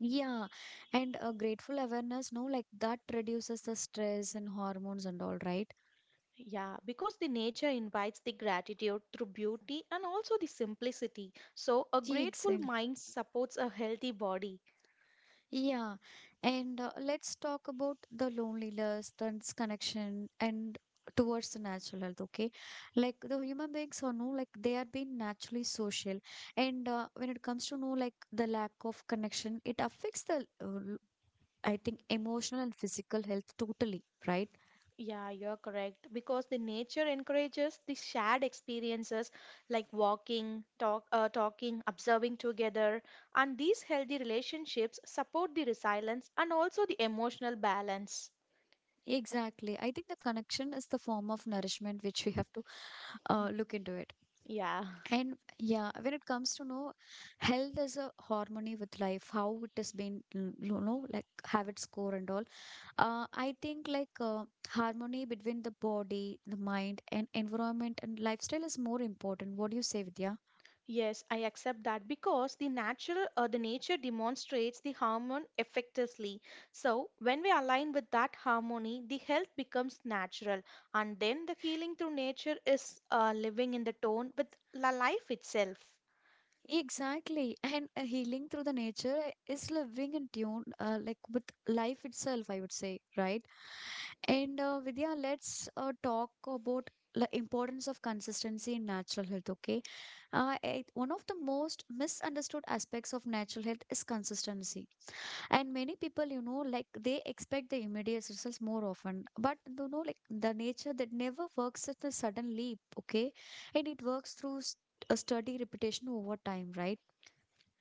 Speaker 1: Yeah, and a grateful awareness, no, like that reduces the stress and hormones and all, right?
Speaker 2: Yeah, because the nature invites the gratitude through beauty and also the simplicity. So, a
Speaker 1: Yeah,
Speaker 2: grateful
Speaker 1: exactly.
Speaker 2: mind supports a healthy body.
Speaker 1: Yeah, and let's talk about the loneliness, the connection, and towards the natural health. Okay, like the human beings are no, like they are being naturally social, and when it comes to no, like the lack of connection, it affects I think, emotional and physical health totally, right?
Speaker 2: Yeah, you're correct. Because the nature encourages the shared experiences like walking, talking, observing together, and these healthy relationships support the resilience and also the emotional balance.
Speaker 1: Exactly. I think the connection is the form of nourishment which we have to look into it.
Speaker 2: Yeah.
Speaker 1: And yeah, when it comes to know health is a harmony with life, how it has been, you know, like have its core and all. I think like harmony between the body, the mind, and environment and lifestyle is more important. What do you say, Vidya?
Speaker 2: Yes, I accept that because the nature demonstrates the harmony effectively. So when we align with that harmony, the health becomes natural, and then the healing through nature is living in the tone with la life itself.
Speaker 1: Exactly. And healing through the nature is living in tune, like with life itself, I would say, right? And Vidya, let's talk about the importance of consistency in natural health, okay? One of the most misunderstood aspects of natural health is consistency. And many people, you know, like they expect the immediate results more often. But you know, like the nature that never works at a sudden leap, okay? And it works through a steady repetition over time, right?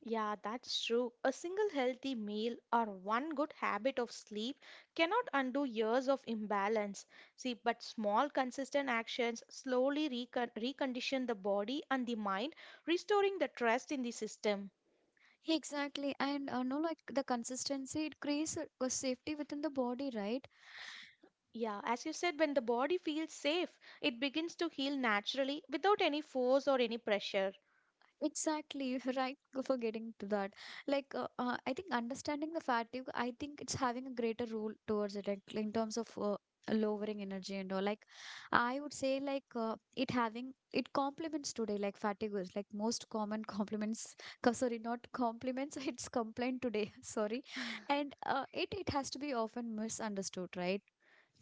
Speaker 2: Yeah, that's true. A single healthy meal or one good habit of sleep cannot undo years of imbalance. See, but small, consistent actions slowly recondition the body and the mind, restoring the trust in the system.
Speaker 1: Exactly. And no, like the consistency, it creates a safety within the body, right?
Speaker 2: Yeah, as you said, when the body feels safe, it begins to heal naturally without any force or any pressure.
Speaker 1: Exactly, right. Go for getting to that. Like, I think understanding the fatigue, I think it's having a greater role towards it like, in terms of lowering energy and all. Like, I would say, like, it having it complements today, like, fatigue is like most common compliments. Sorry, not compliments, it's complaint today. Sorry. And it, it has to be often misunderstood, right?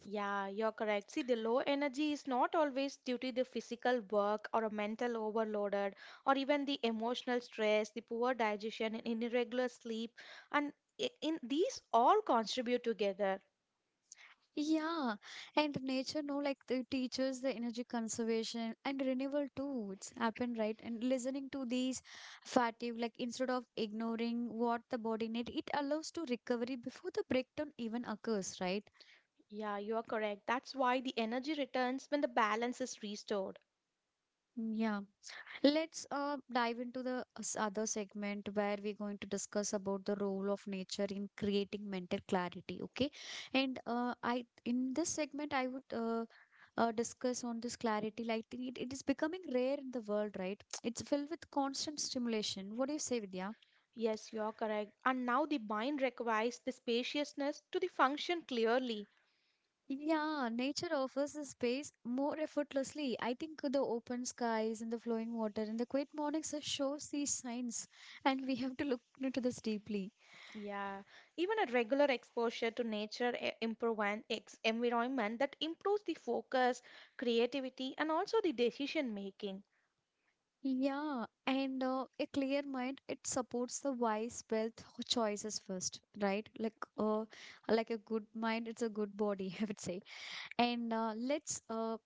Speaker 2: Yeah, you're correct. See, the low energy is not always due to the physical work or a mental overloaded or even the emotional stress, the poor digestion, and irregular sleep. And in these all contribute together.
Speaker 1: Yeah, and nature, no, like the teachers, the energy conservation and renewal too. It's happened, right? And listening to these fatigue, like instead of ignoring what the body need, it allows to recovery before the breakdown even occurs, right?
Speaker 2: Yeah, you are correct. That's why the energy returns when the balance is restored.
Speaker 1: Mm, yeah. Let's dive into the other segment where we're going to discuss about the role of nature in creating mental clarity. Okay, and I in this segment I would discuss on this clarity. Like it is becoming rare in the world, right? It's filled with constant stimulation. What do you say, Vidya?
Speaker 2: Yes, you are correct. And now the mind requires the spaciousness to the function clearly.
Speaker 1: Yeah, nature offers a space more effortlessly. I think the open skies and the flowing water and the quiet mornings shows these signs, and we have to look into this deeply.
Speaker 2: Yeah, even a regular exposure to nature e- improve and ex environment that improves the focus, creativity, and also the decision making.
Speaker 1: Yeah, and a clear mind, it supports the wise wealth choices first, right? Like a good mind, it's a good body, I would say. And let's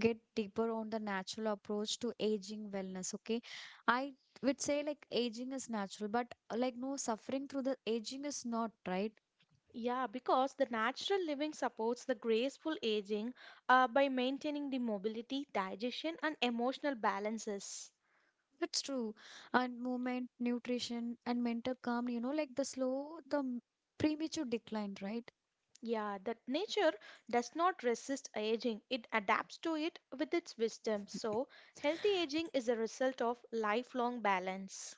Speaker 1: get deeper on the natural approach to aging wellness, okay? I would say like aging is natural, but like no suffering through the aging is not, right?
Speaker 2: Yeah, because the natural living supports the graceful aging by maintaining the mobility, digestion, and emotional balances.
Speaker 1: It's true. And movement, nutrition, and mental calm, you know, like the slow, premature decline, right?
Speaker 2: Yeah, that nature does not resist aging, it adapts to it with its wisdom. So, healthy aging is a result of lifelong balance.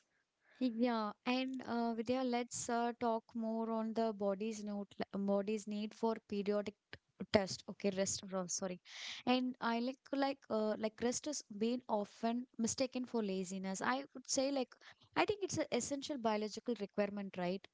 Speaker 1: Yeah, and Vidya, let's talk more on the body's note, body's need for periodic test. Okay, rest. Sorry, and I like rest is being often mistaken for laziness. I would say like I think it's an essential biological requirement, right?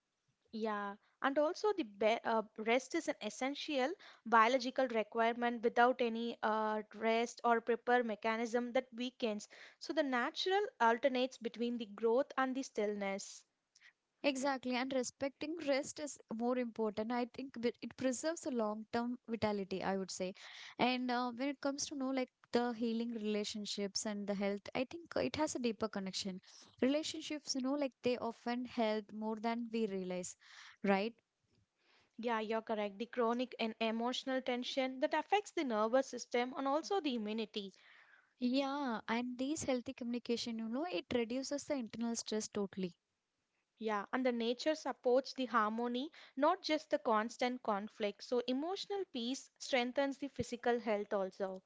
Speaker 2: Yeah, and also the be rest is an essential biological requirement. Without any rest or prepare mechanism that weakens, so the natural alternates between the growth and the stillness.
Speaker 1: Exactly, and respecting rest is more important. I think it preserves a long-term vitality, I would say. And when it comes to know like the healing relationships and the health, I think it has a deeper connection. Relationships, you know, like they often help more than we realize, right?
Speaker 2: Yeah, you're correct. The chronic and emotional tension that affects the nervous system and also the immunity.
Speaker 1: Yeah, and these healthy communication, you know, it reduces the internal stress totally.
Speaker 2: Yeah, and the nature supports the harmony, not just the constant conflict. So emotional peace strengthens the physical health also.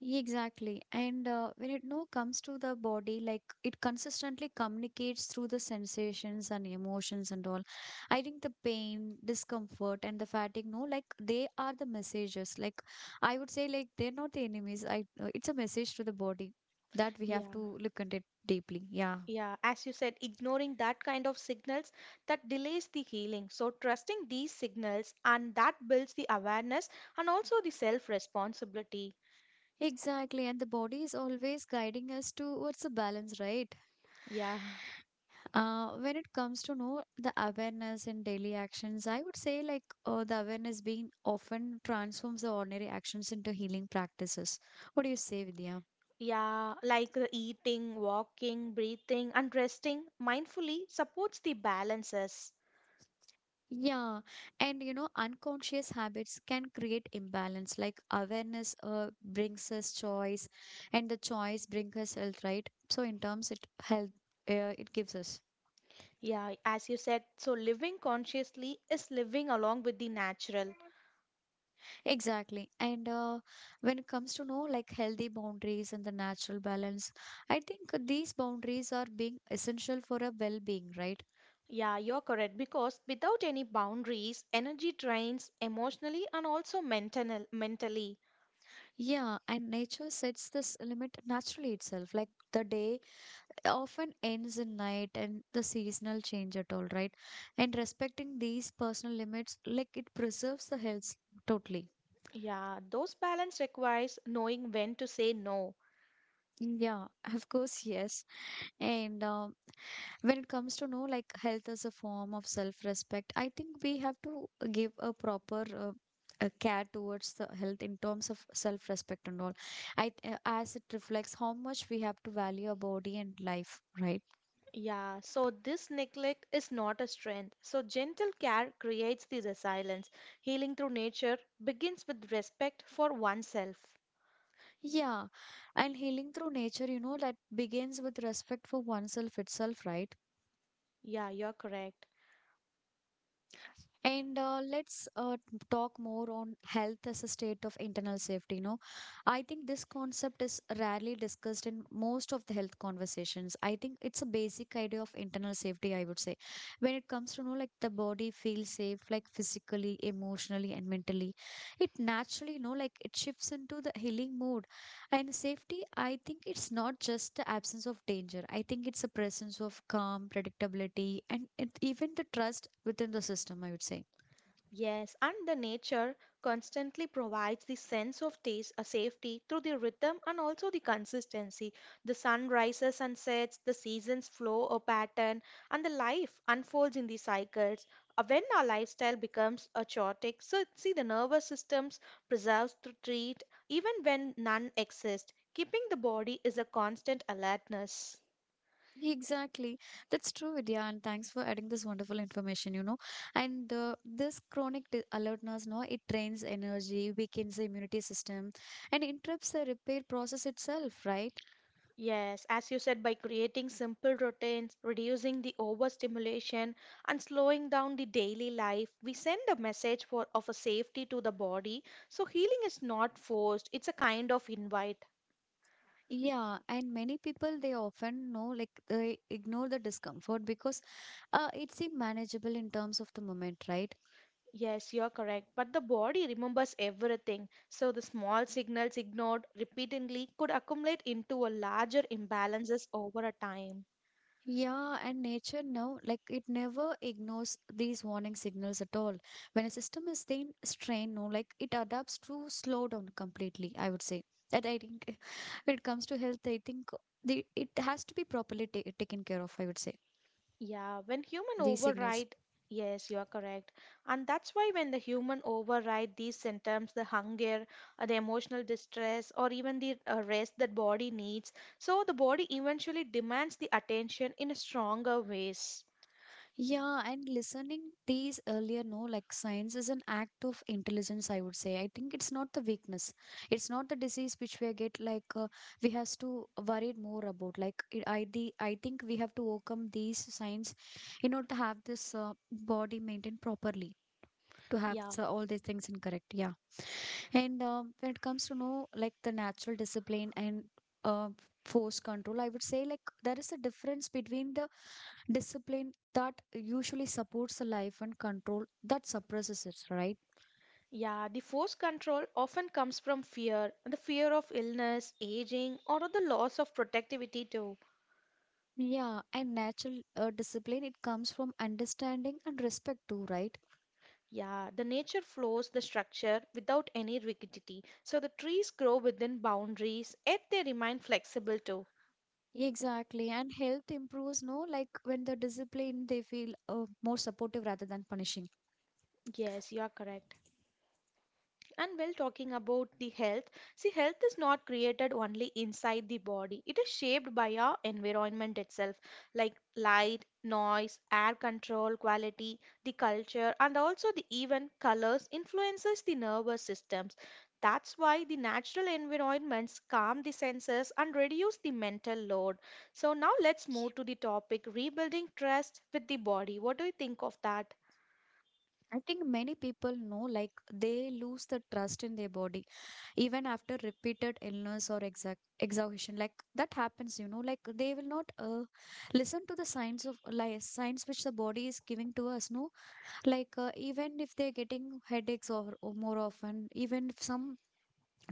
Speaker 1: Exactly. And when it now comes to the body, like it consistently communicates through the sensations and emotions and all. I think the pain, discomfort, and the fatigue, no, like they are the messages. Like I would say, like they're not the enemies. I It's a message to the body that we have
Speaker 2: Yeah.
Speaker 1: to look at it deeply. Yeah.
Speaker 2: Yeah, as you said, ignoring that kind of signals that delays the healing. So, trusting these signals and that builds the awareness and also the self responsibility.
Speaker 1: Exactly. And the body is always guiding us towards the balance, right?
Speaker 2: Yeah,
Speaker 1: When it comes to know the awareness in daily actions, I would say like the awareness being often transforms the ordinary actions into healing practices. What do you say, Vidya?
Speaker 2: yeah, like the eating, walking, breathing, and resting mindfully supports the balances.
Speaker 1: Yeah, and you know, unconscious habits can create imbalance. Like awareness brings us choice, and the choice brings us health, right? So in terms, it health it gives us.
Speaker 2: Yeah, as you said, so living consciously is living along with the natural.
Speaker 1: Exactly. And when it comes to know like healthy boundaries and the natural balance, I think these boundaries are being essential for a well-being, right?
Speaker 2: Yeah, you're correct because without any boundaries, energy drains emotionally and also mentally.
Speaker 1: Yeah, and nature sets this limit naturally itself. Like the day often ends in night and the seasonal change at all, right? And respecting these personal limits, like it preserves the health totally.
Speaker 2: Yeah, those balance requires knowing when to say no.
Speaker 1: Yeah, of course, yes. And when it comes to know like health as a form of self-respect, I think we have to give a proper care towards the health in terms of self-respect and all. I As it reflects how much we have to value our body and life, right?
Speaker 2: Yeah, so this neglect is not a strength. So gentle care creates the resilience. Healing through nature begins with respect for oneself.
Speaker 1: Yeah, and healing through nature, you know, that begins with respect for oneself itself, right?
Speaker 2: Yeah, you're correct.
Speaker 1: And talk more on health as a state of internal safety. You know, I think this concept is rarely discussed in most of the health conversations. I think it's a basic idea of internal safety, I would say. When it comes to, you know, like the body feels safe, like physically, emotionally, and mentally, it naturally, you know, like it shifts into the healing mode. And safety, I think it's not just the absence of danger. I think it's a presence of calm, predictability, and it, even the trust within the system, I would say.
Speaker 2: Yes, and the nature constantly provides the sense of taste, a safety through the rhythm and also the consistency. The sun rises and sets, the seasons flow a pattern, and the life unfolds in the cycles. When our lifestyle becomes a chaotic, so see the nervous systems preserves to treat even when none exist, keeping the body is a constant alertness.
Speaker 1: Exactly. That's true, Vidya. And thanks for adding this wonderful information, you know. And this chronic alertness, no, it drains energy, weakens the immunity system, and interrupts the repair process itself, right?
Speaker 2: Yes, as you said, by creating simple routines, reducing the overstimulation, and slowing down the daily life, we send a message for, of a safety to the body. So, healing is not forced, it's a kind of invite.
Speaker 1: Yeah. And many people, they often know, like, they ignore the discomfort because it seems manageable in terms of the moment, right?
Speaker 2: Yes, you're correct. But the body remembers everything. So, the small signals ignored repeatedly could accumulate into a larger imbalances over a time.
Speaker 1: Yeah, and nature now, like it never ignores these warning signals at all. When a system is staying strained, no, like it adapts to slow down completely, I would say. That I think when it comes to health, I think the it has to be properly ta taken care of, I would say.
Speaker 2: Yeah, when human
Speaker 1: These signals.
Speaker 2: override, yes, you are correct. And that's why when the human override these symptoms, the hunger, the emotional distress, or even the rest that body needs, so the body eventually demands the attention in a stronger ways.
Speaker 1: Yeah, and listening these earlier, no, like science is an act of intelligence, I would say. I think it's not the weakness. It's not the disease which we get like we has to worry more about. Like it, I the I think we have to overcome these signs in order to have this body maintained properly. To have
Speaker 2: Yeah.
Speaker 1: so all these things incorrect, yeah. And when it comes to know like the natural discipline and uh, force control, I would say like there is a difference between the discipline that usually supports the life and control that suppresses it, right?
Speaker 2: Yeah, the force control often comes from fear, the fear of illness, aging, or the loss of protectivity too.
Speaker 1: Yeah, and natural discipline it comes from understanding and respect too, right?
Speaker 2: Yeah, the nature flows the structure without any rigidity. So the trees grow within boundaries, yet they remain flexible too.
Speaker 1: Exactly, and health improves. No, like when the discipline they feel more supportive rather than punishing.
Speaker 2: Yes, you are correct. And well, talking about the health, see, health is not created only inside the body, it is shaped by our environment itself, like light, noise, air control quality, the culture, and also the even colors influences the nervous systems. That's why the natural environments calm the senses and reduce the mental load. So now let's move to the topic rebuilding trust with the body. What do you think of that?
Speaker 1: I think many people know like they lose the trust in their body even after repeated illness or exact exhaustion like that happens you know like they will not listen to the signs of like signs which the body is giving to us no like even if they're getting headaches or more often even if some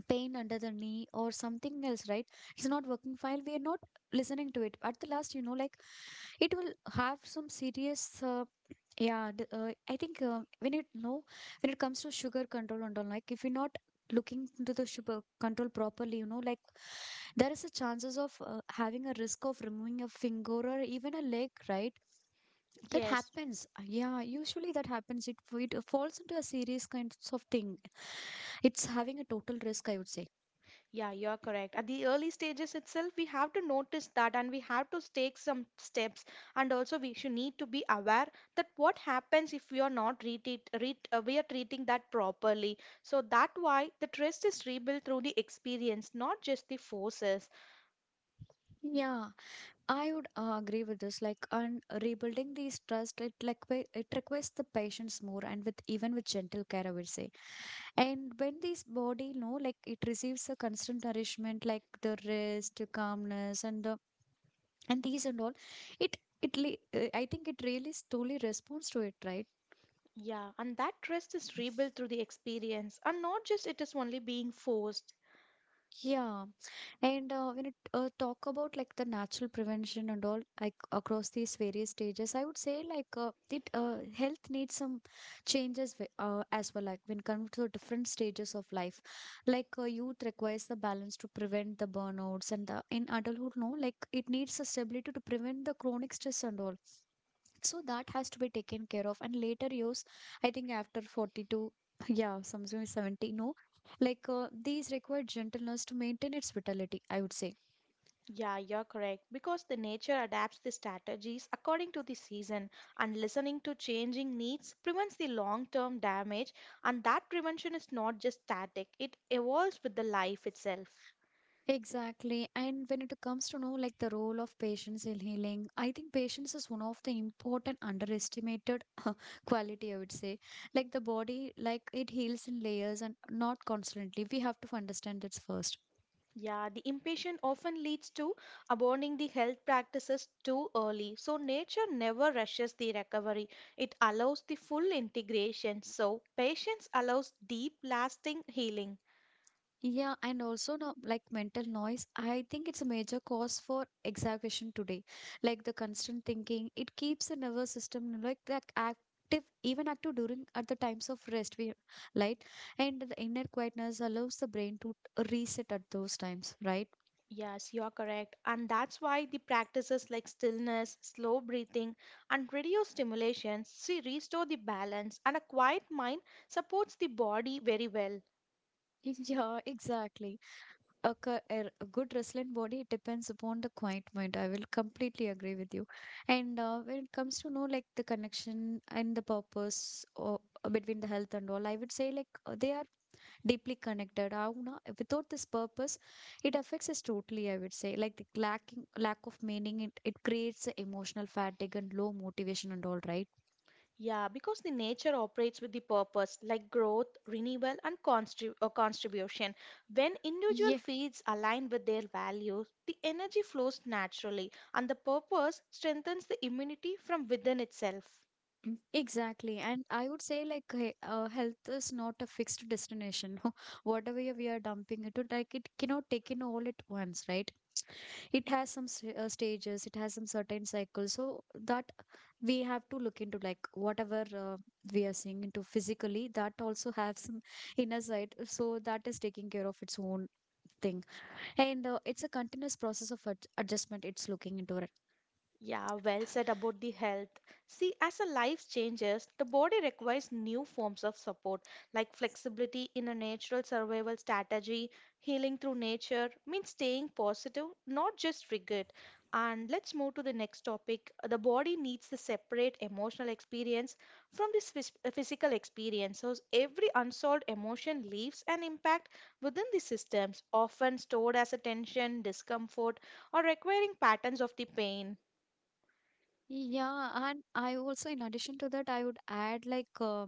Speaker 1: pain under the knee or something else right it's not working fine we are not listening to it at the last you know like it will have some serious yeah, I think when it no, when it comes to sugar control and all, like if you're not looking into the sugar control properly, you know, like there is a chances of having a risk of removing a finger or even a leg, right? That
Speaker 2: Yes.
Speaker 1: happens. Yeah, usually that happens. It falls into a serious kinds of thing. It's having a total risk, I would say.
Speaker 2: Yeah, you're correct. At the early stages itself, we have to notice that and we have to take some steps. And also, we should need to be aware that what happens if we are not treat it, we are treating that properly. So that why the trust is rebuilt through the experience, not just the forces.
Speaker 1: Yeah, I would agree with this. Like, and rebuilding these trust, it requires the patience more, and with even with gentle care, I would say. And when this body, no, like it receives a constant nourishment, like the rest, the calmness, and the and these and all, I think it really slowly responds to it, right?
Speaker 2: Yeah, and that trust is rebuilt through the experience, and not just it is only being forced.
Speaker 1: Yeah. And when it talk about like the natural prevention and all, like across these various stages, I would say like it health needs some changes as well. Like when comes to different stages of life, youth requires the balance to prevent the burnouts, and the, in adulthood, no, like it needs the stability to prevent the chronic stress and all, so that has to be taken care of. And later years, I think after 42, yeah, something like 70, no, these require gentleness to maintain its vitality, I would say.
Speaker 2: Yeah, you're correct. Because the nature adapts the strategies according to the season, and listening to changing needs prevents the long term damage. And that prevention is not just static, it evolves with the life itself.
Speaker 1: Exactly. And when it comes to know, like the role of patience in healing, I think patience is one of the important underestimated quality, I would say. Like the body, like it heals in layers and not constantly, we have to understand this first.
Speaker 2: Yeah, the impatience often leads to abandoning the health practices too early. So, nature never rushes the recovery, it allows the full integration. So, patience allows deep, lasting healing.
Speaker 1: Yeah, and also now, like mental noise, I think it's a major cause for exaggeration today. Like the constant thinking, it keeps the nervous system like that active, even active during at the times of rest. We Right, and the inner quietness allows the brain to reset at those times, right?
Speaker 2: Yes, you're correct. And that's why the practices like stillness, slow breathing, and radio stimulation see restore the balance, and a quiet mind supports the body very well.
Speaker 1: Yeah, exactly. A good wrestling body, it depends upon the quiet mind, I will completely agree with you. And when it comes to know, like the connection and the purpose or between the health and all, I would say they are deeply connected. How na, without this purpose, it affects us totally, I would say. Like the lack of meaning, it creates a emotional fatigue and low motivation and all, right?
Speaker 2: Yeah, because the nature operates with the purpose like growth, renewal, and contribution. When individual fields align with their values, the energy flows naturally, and the purpose strengthens the immunity from within itself.
Speaker 1: Mm, exactly. And I would say, like, health is not a fixed destination. Whatever we are dumping into, like, it cannot take in all at once, right? It has some stages, it has some certain cycles. So that we have to look into, like, whatever we are seeing into physically, that also has some inner side. So that is taking care of its own thing. And it's a continuous process of adjustment, it's looking into it.
Speaker 2: Yeah, well said about the health. See, as a life changes, the body requires new forms of support, like flexibility in a natural survival strategy, healing through nature, means staying positive, not just rigid. And let's move to the next topic. The body needs to separate emotional experience from this physical experience. So every unsolved emotion leaves an impact within the systems, often stored as a tension, discomfort, or requiring patterns of the pain.
Speaker 1: Yeah, and I also, in addition to that, I would add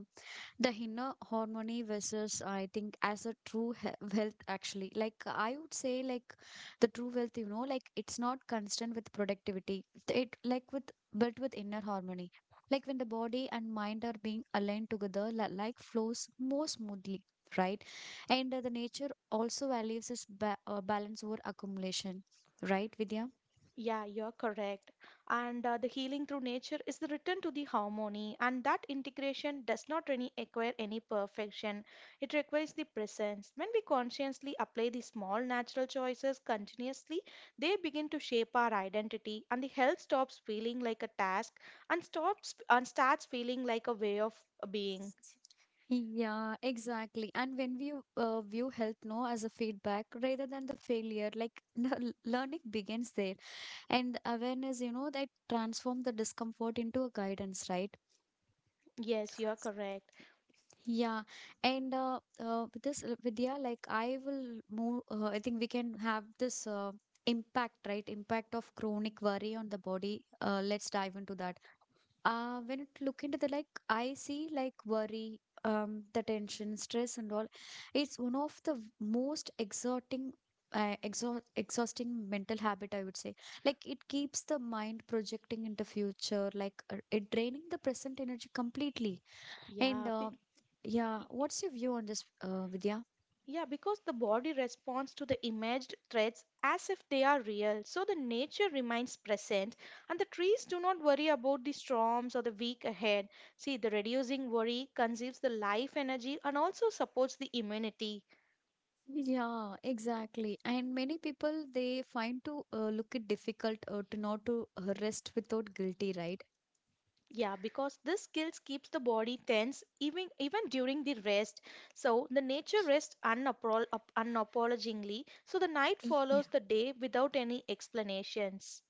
Speaker 1: the inner harmony versus, I think, as a true he wealth actually. Like I would say, like the true wealth, you know, like it's not constant with productivity. It like with built with inner harmony. Like when the body and mind are being aligned together, like flows more smoothly, right? And the nature also values this ba balance over accumulation, right, Vidya?
Speaker 2: Yeah, you're correct. And the healing through nature is the return to the harmony, and that integration does not really require any perfection. It requires the presence. When we consciously apply the small natural choices continuously, they begin to shape our identity, and the health stops feeling like a task and stops and starts feeling like a way of being.
Speaker 1: Yeah, exactly. And when we view health no as a feedback rather than the failure, like the learning begins there. And awareness, you know, that transform the discomfort into a guidance, right?
Speaker 2: Yes, you're correct.
Speaker 1: Yeah, and with this Vidya, like I will move. I think we can have this impact, right? Impact of chronic worry on the body. Let's dive into that. When it look into the, like I see like worry, the tension stress and all, it's one of the most exerting, exhausting mental habit, I would say. Like it keeps the mind projecting into future, it draining the present energy completely. and
Speaker 2: Yeah.
Speaker 1: uh,
Speaker 2: be-
Speaker 1: yeah, what's your view on this, Vidya?
Speaker 2: Yeah, because the body responds to the imaged threats as if they are real. So the nature remains present, and the trees do not worry about the storms or the week ahead. See, the reducing worry conserves the life energy and also supports the immunity.
Speaker 1: Yeah, exactly. And many people, they find to look it difficult to not to rest without guilty, right?
Speaker 2: Yeah, because this skills keeps the body tense even during the rest. So the nature rests unapologizingly. So the night
Speaker 1: Yeah.
Speaker 2: follows the day without any explanations.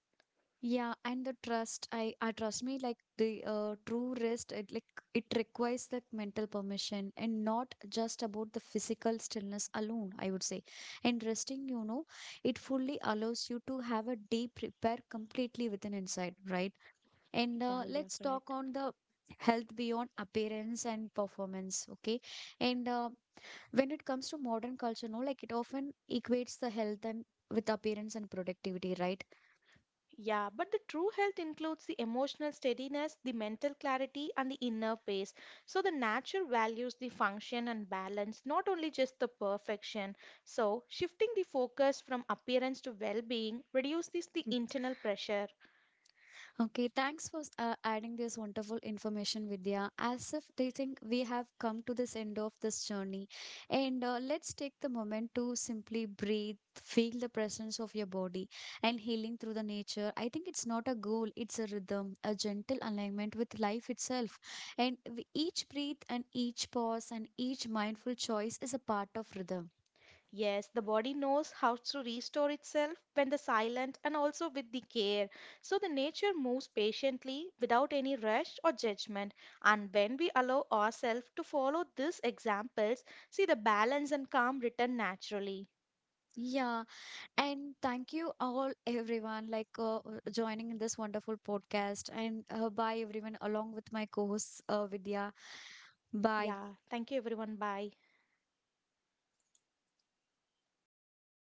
Speaker 1: Yeah, and the trust, I trust me, like the true rest, it like it requires that mental permission and not just about the physical stillness alone, I would say. And resting, you know, it fully allows you to have a deep repair completely within inside, right? And
Speaker 2: Yeah,
Speaker 1: uh,
Speaker 2: you're
Speaker 1: let's talk
Speaker 2: correct.
Speaker 1: on the health beyond appearance and performance, okay? And When it comes to modern culture, no, like it often equates the health and with appearance and productivity, right?
Speaker 2: Yeah, but the true health includes the emotional steadiness, the mental clarity, and the inner peace. So the nature values the function and balance, not only just the perfection. So shifting the focus from appearance to well-being reduces the internal pressure.
Speaker 1: Okay, thanks for adding this wonderful information, Vidya. As if they think we have come to this end of this journey, and let's take the moment to simply breathe, feel the presence of your body, and healing through the nature. I think it's not a goal; it's a rhythm, a gentle alignment with life itself. And we, each breath, and each pause, and each mindful choice is a part of rhythm.
Speaker 2: Yes, the body knows how to restore itself when the silent and also with the care. So the nature moves patiently without any rush or judgment. And when we allow ourselves to follow these examples, see the balance and calm return naturally.
Speaker 1: Yeah, and thank you all, everyone, joining in this wonderful podcast. And bye, everyone, along with my co hosts, Vidya. Bye.
Speaker 2: Yeah, thank you everyone. Bye.